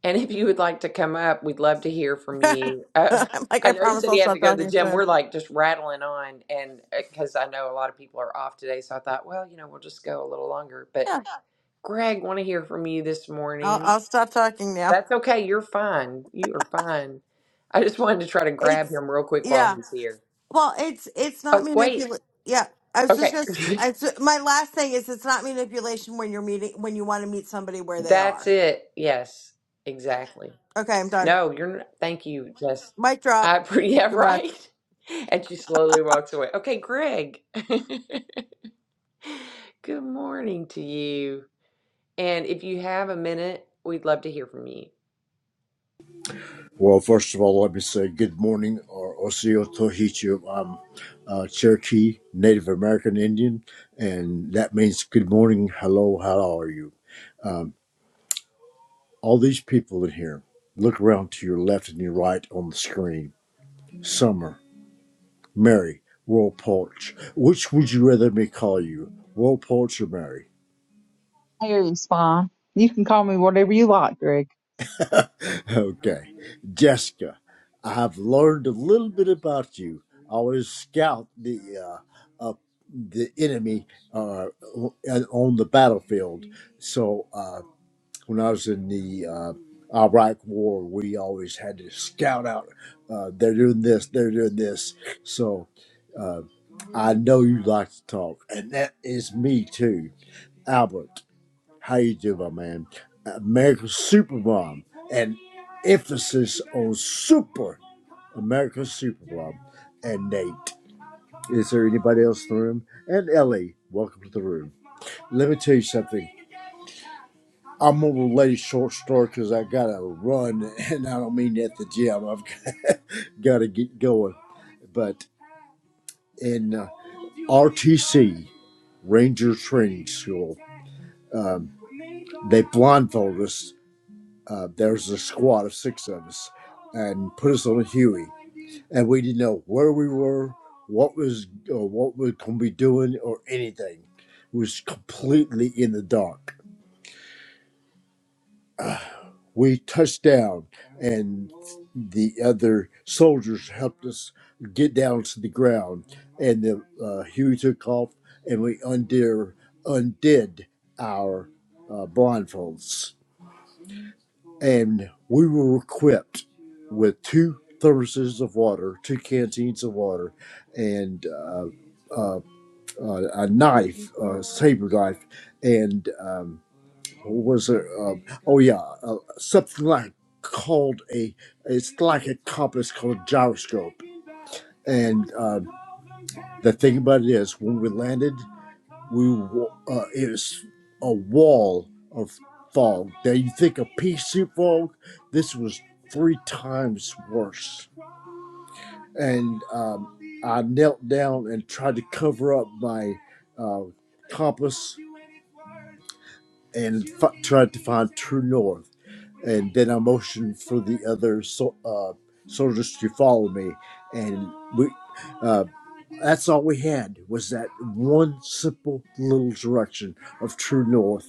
Speaker 1: and if you would like to come up, we'd love to hear from
Speaker 5: <laughs>
Speaker 1: you. Uh,
Speaker 5: I'm like
Speaker 1: I
Speaker 5: I
Speaker 1: know he
Speaker 5: promise
Speaker 1: said he
Speaker 5: I'll
Speaker 1: had to
Speaker 5: stop
Speaker 1: go to the
Speaker 5: talking
Speaker 1: gym.
Speaker 5: soon.
Speaker 1: We're like just rattling on, and because I know a lot of people are off today, so I thought, well, you know, we'll just go a little longer. But
Speaker 5: Yeah.
Speaker 1: Greg, want to hear from you this
Speaker 5: I'll
Speaker 1: morning.
Speaker 5: I'll stop talking now.
Speaker 1: That's okay. You're fine. You are fine. I just wanted to try to grab
Speaker 5: It's
Speaker 1: him real quick while
Speaker 5: yeah.
Speaker 1: he's here.
Speaker 5: Well, it's it's not
Speaker 1: Oh, wait.
Speaker 5: manipulation. Yeah. I was just
Speaker 1: Okay.
Speaker 5: gonna. s my last thing is it's not manipulation when you're meeting when you want to meet somebody
Speaker 1: <laughs>
Speaker 5: where they
Speaker 1: That's
Speaker 5: are.
Speaker 1: it. Yes, exactly.
Speaker 5: Okay, I'm done.
Speaker 1: No, you're not. Thank you. Just,
Speaker 5: Mic drop.
Speaker 1: I, <laughs> yeah,
Speaker 5: Goodbye.
Speaker 1: right. And she slowly walks away. Okay, Greg. <laughs> Good morning to you. And if you have a minute, we'd love to hear from you.
Speaker 6: Well, first of all, let me say good morning or Osio Tohichu. I'm uh, Cherokee Native American Indian, and that means good morning, hello, how are you? Um, all these people in here, look around to your left and your right on the screen. Summer, Mary, World Porch. Which would you rather me call you, World Porch or Mary?
Speaker 2: there is fine. You can call me whatever you like, Greg.
Speaker 6: <laughs> Okay. Jessica, I've learned a little bit about you. I was scout the. Uh, uh, the enemy uh, on the battlefield. So uh, when I was in the uh, Iraq War, we always had to scout out. Uh, they're doing this. They're doing this. So I know you like to talk, and that is me too, Albert. How you doing, my man? America's Supermom, and emphasis on super America's Supermom, and Nate. Is there anybody else in the room? And Ellie, welcome to the room. Let me tell you something. I'm gonna relate a short story because I gotta run, <laughs> and I don't mean at the gym. I've <laughs> gotta get going. But in uh, RTC Ranger Training School, um, they blindfolded us. Uh, There's a squad of six of us, and put us on a Huey, and we didn't know where we were, what was, or what we are gonna be doing, or anything. It was completely in the dark we touched down and the other soldiers helped us get down to the ground and the uh, Huey took off and we undid, undid our uh, blindfolds and we were equipped with two thermoses of water two canteens of water and uh, uh, uh, a knife a saber knife and um, was it? Um, oh yeah, uh, something like called a. It's like a compass called a gyroscope. And uh, the thing about it is, when we landed, we wa- uh, it was a wall of fog. Now you think of pea soup fog, this was three times worse. And um, I knelt down and tried to cover up my uh, compass and f- tried to find true north. And then I motioned for the other so- uh, soldiers to follow me, and we. uh, that's all we had was that one simple little direction of true north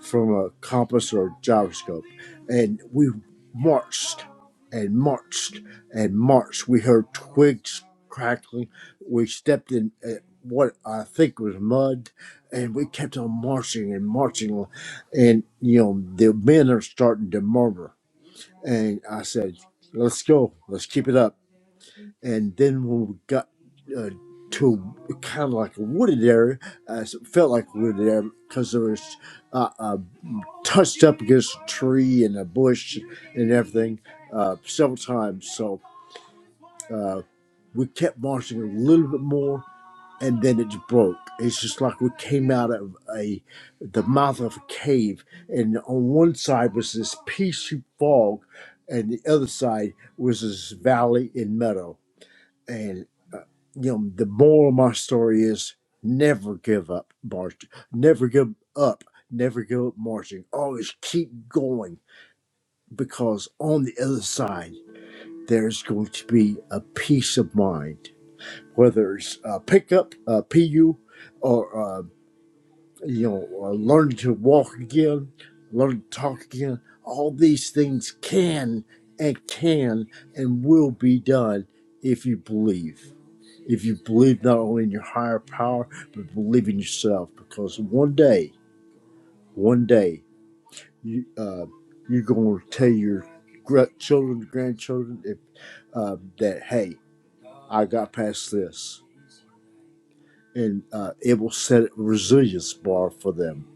Speaker 6: from a compass or gyroscope. And we marched and marched and marched. We heard twigs crackling. We stepped in uh, what I think was mud and we kept on marching and marching. And, you know, the men are starting to murmur. And I said, let's go, let's keep it up and then when we got uh, to kind of like a wooded area, uh, so it felt like a wooded area because there was uh, uh, touched up against a tree and a bush and everything uh, several times. So uh, we kept marching a little bit more, and then it just broke. It's just like we came out of a the mouth of a cave, and on one side was this pea soup fog, and the other side was this valley and meadow and uh, you know the moral of my story is never give up marching never give up never give up marching always keep going because on the other side there's going to be a peace of mind whether it's a pickup a pu or uh, you know or learning to walk again learning to talk again all these things can and can and will be done if you believe if you believe not only in your higher power, but believe in yourself. Because one day, one day, you, uh, you're going to tell your children, grandchildren, if, uh, that, hey, I got past this. And uh, it will set a resilience bar for them.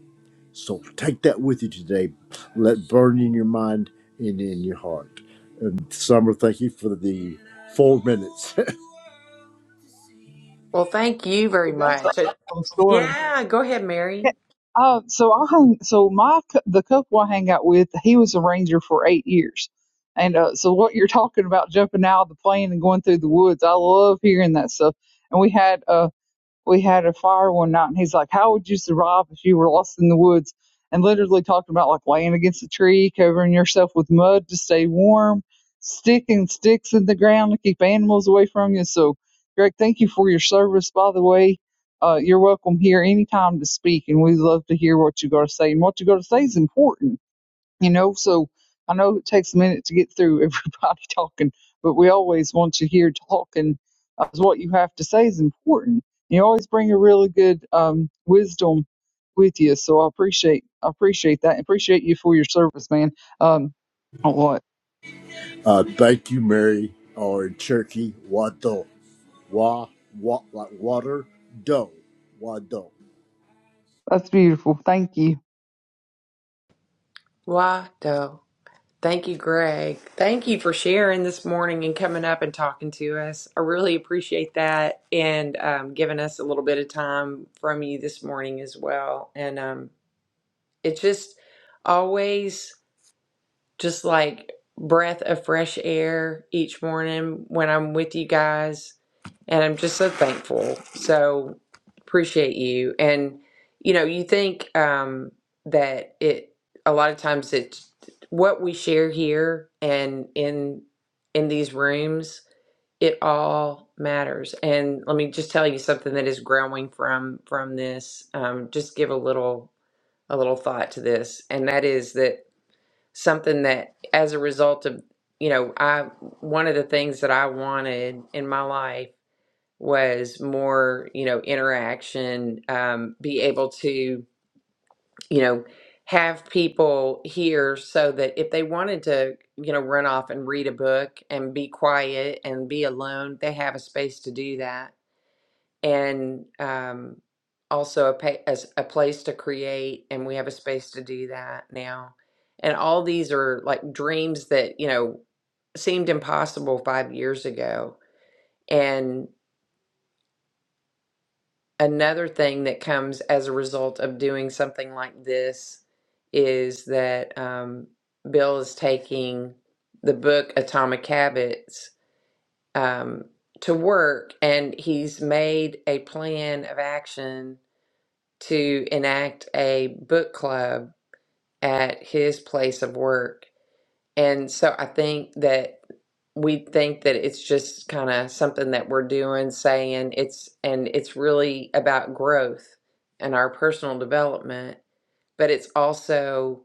Speaker 6: So take that with you today. Let it burn in your mind and in your heart. And Summer, thank you for the four minutes. <laughs>
Speaker 1: Well, thank you very
Speaker 2: That's an
Speaker 1: much. Uh,
Speaker 2: awesome story.
Speaker 1: Yeah, go ahead, Mary.
Speaker 2: Yeah, Uh, so I hang. So my cou- the couple I hang out with, he was a ranger for eight years, and uh, so what you're talking about jumping out of the plane and going through the woods, I love hearing that stuff. And we had uh, we had a fire one night and he's like, How would you survive if you were lost in the woods? And literally talking about like laying against a tree, covering yourself with mud to stay warm, sticking sticks in the ground to keep animals away from you. So, Greg, thank you for your service, by the way. Uh, you're welcome here anytime to speak, and we love to hear what you got to say. And what you got to say is important you know so i know it takes a minute to get through everybody <laughs> talking but we always want you here talking uh, 'cause what you have to say is important you always bring a really good um, wisdom with you so i appreciate i appreciate that appreciate you for your service man um oh, what
Speaker 6: Uh, thank you, Mary, or in Cherokee, Wado. Wa, wa, like water, dough. Wado.
Speaker 2: that's beautiful thank you
Speaker 1: Wado. Thank you, Greg. Thank you for sharing this morning and coming up and talking to us. I really appreciate that and um, giving us a little bit of time from you this morning as well. And um, It's just always just like breath of fresh air each morning when I'm with you guys. And I'm just so thankful. So appreciate you. And you know, you think um that it a lot of times it's what we share here and in in these rooms, it all matters. And let me just tell you something that is growing from from this. Um just give a little a little thought to this, and that is that something that, as a result of, you know, I one of the things that I wanted in my life was more, you know, interaction, um, be able to, you know, have people here so that if they wanted to, you know, run off and read a book and be quiet and be alone, they have a space to do that and um, also a, pa- as a place to create and we have a space to do that now and all these are like dreams that you know seemed impossible five years ago and another thing that comes as a result of doing something like this is that um, bill is taking the book atomic habits um, to work and he's made a plan of action to enact a book club at his place of work. And so I think that we think that it's just kind of something that we're doing, saying it's, and it's really about growth and our personal development, but it's also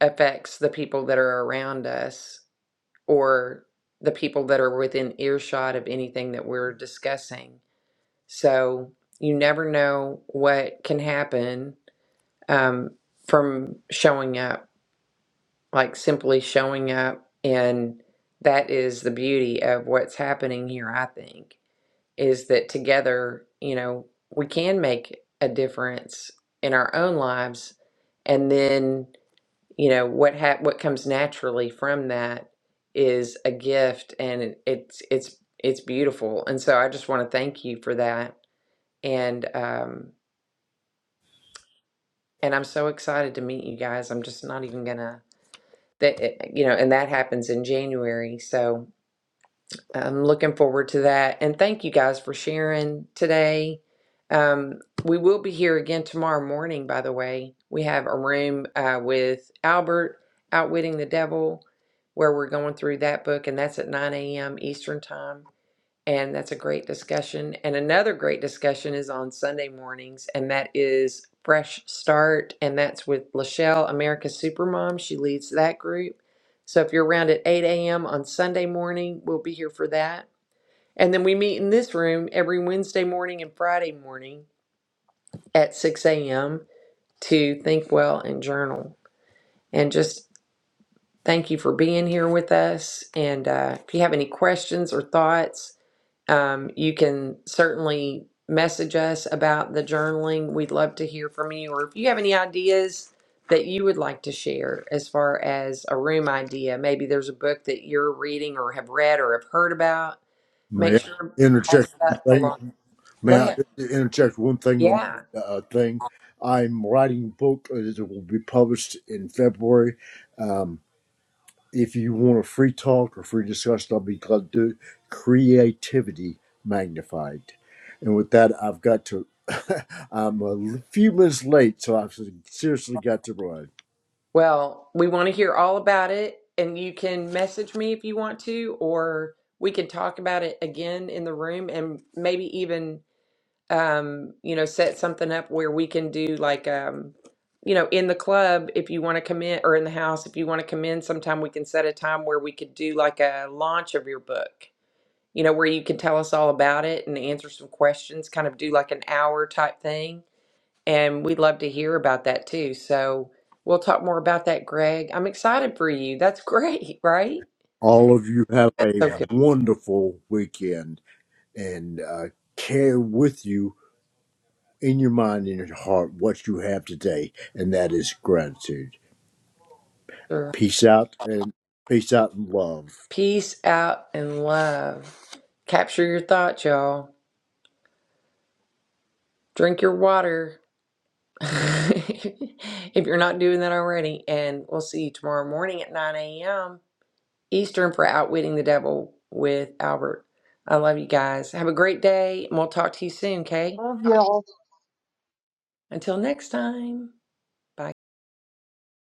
Speaker 1: affects the people that are around us or the people that are within earshot of anything that we're discussing. So you never know what can happen um, from showing up, like simply showing up. And that is the beauty of what's happening here, I think, is that together, you know, we can make a difference in our own lives. And then, you know, what ha- what comes naturally from that is a gift and it- it's it's it's beautiful. And so I just want to thank you for that. And um and I'm so excited to meet you guys. I'm just not even gonna that eh, eh, you know and that happens in january so i'm looking forward to that and thank you guys for sharing today um, we will be here again tomorrow morning by the way we have a room uh, with albert outwitting the devil where we're going through that book and that's at 9 a.m eastern time and that's a great discussion. And another great discussion is on Sunday mornings, and that is Fresh Start. And that's with Lachelle, America's Supermom. She leads that group. So if you're around at 8 a.m. on Sunday morning, we'll be here for that. And then we meet in this room every Wednesday morning and Friday morning at 6 a.m. to think well and journal. And just thank you for being here with us. And uh, if you have any questions or thoughts, Um, you can certainly message us about the journaling. We'd love to hear from you, or if you have any ideas that you would like to share as far as a room idea. Maybe there's a book that you're reading, or have read, or have heard about.
Speaker 6: May
Speaker 1: Make
Speaker 6: I
Speaker 1: sure to
Speaker 6: interject
Speaker 1: pass
Speaker 6: one
Speaker 1: that along.
Speaker 6: thing?
Speaker 1: Go
Speaker 6: May I
Speaker 1: ahead.
Speaker 6: interject one thing on
Speaker 1: Yeah.
Speaker 6: the uh, thing? I'm writing a book that will be published in February. Um, If you want a free talk or free discussion, I'll be glad to do it. creativity magnified. And with that, I've got to. <laughs> I'm a few minutes late, so I've seriously got to run.
Speaker 1: Well, we want to hear all about it, and you can message me if you want to, or we can talk about it again in the room, and maybe even um, you know, set something up where we can do like, um, you know, in the club if you want to come in, or in the house if you want to come in. Sometime we can set a time where we could do like a launch of your book. You know, where you can tell us all about it and answer some questions. Kind of do like an hour type thing, and we'd love to hear about that too. So we'll talk more about that, Greg. I'm excited for you. That's <laughs> great, right?
Speaker 6: All of you have a
Speaker 1: So good.
Speaker 6: wonderful weekend and uh, carry with you in your mind and your heart what you have today, and that is gratitude.
Speaker 1: Sure.
Speaker 6: Peace out and peace out and love.
Speaker 1: Peace out and love. Capture your thoughts, y'all. Drink your water. <laughs> if you're not doing that already. And we'll see you tomorrow morning at 9 a.m. Eastern for Outwitting the Devil with Albert. I love you guys. Have a great day, and we'll talk to you soon, okay?
Speaker 2: love y'all
Speaker 1: Until next time, bye.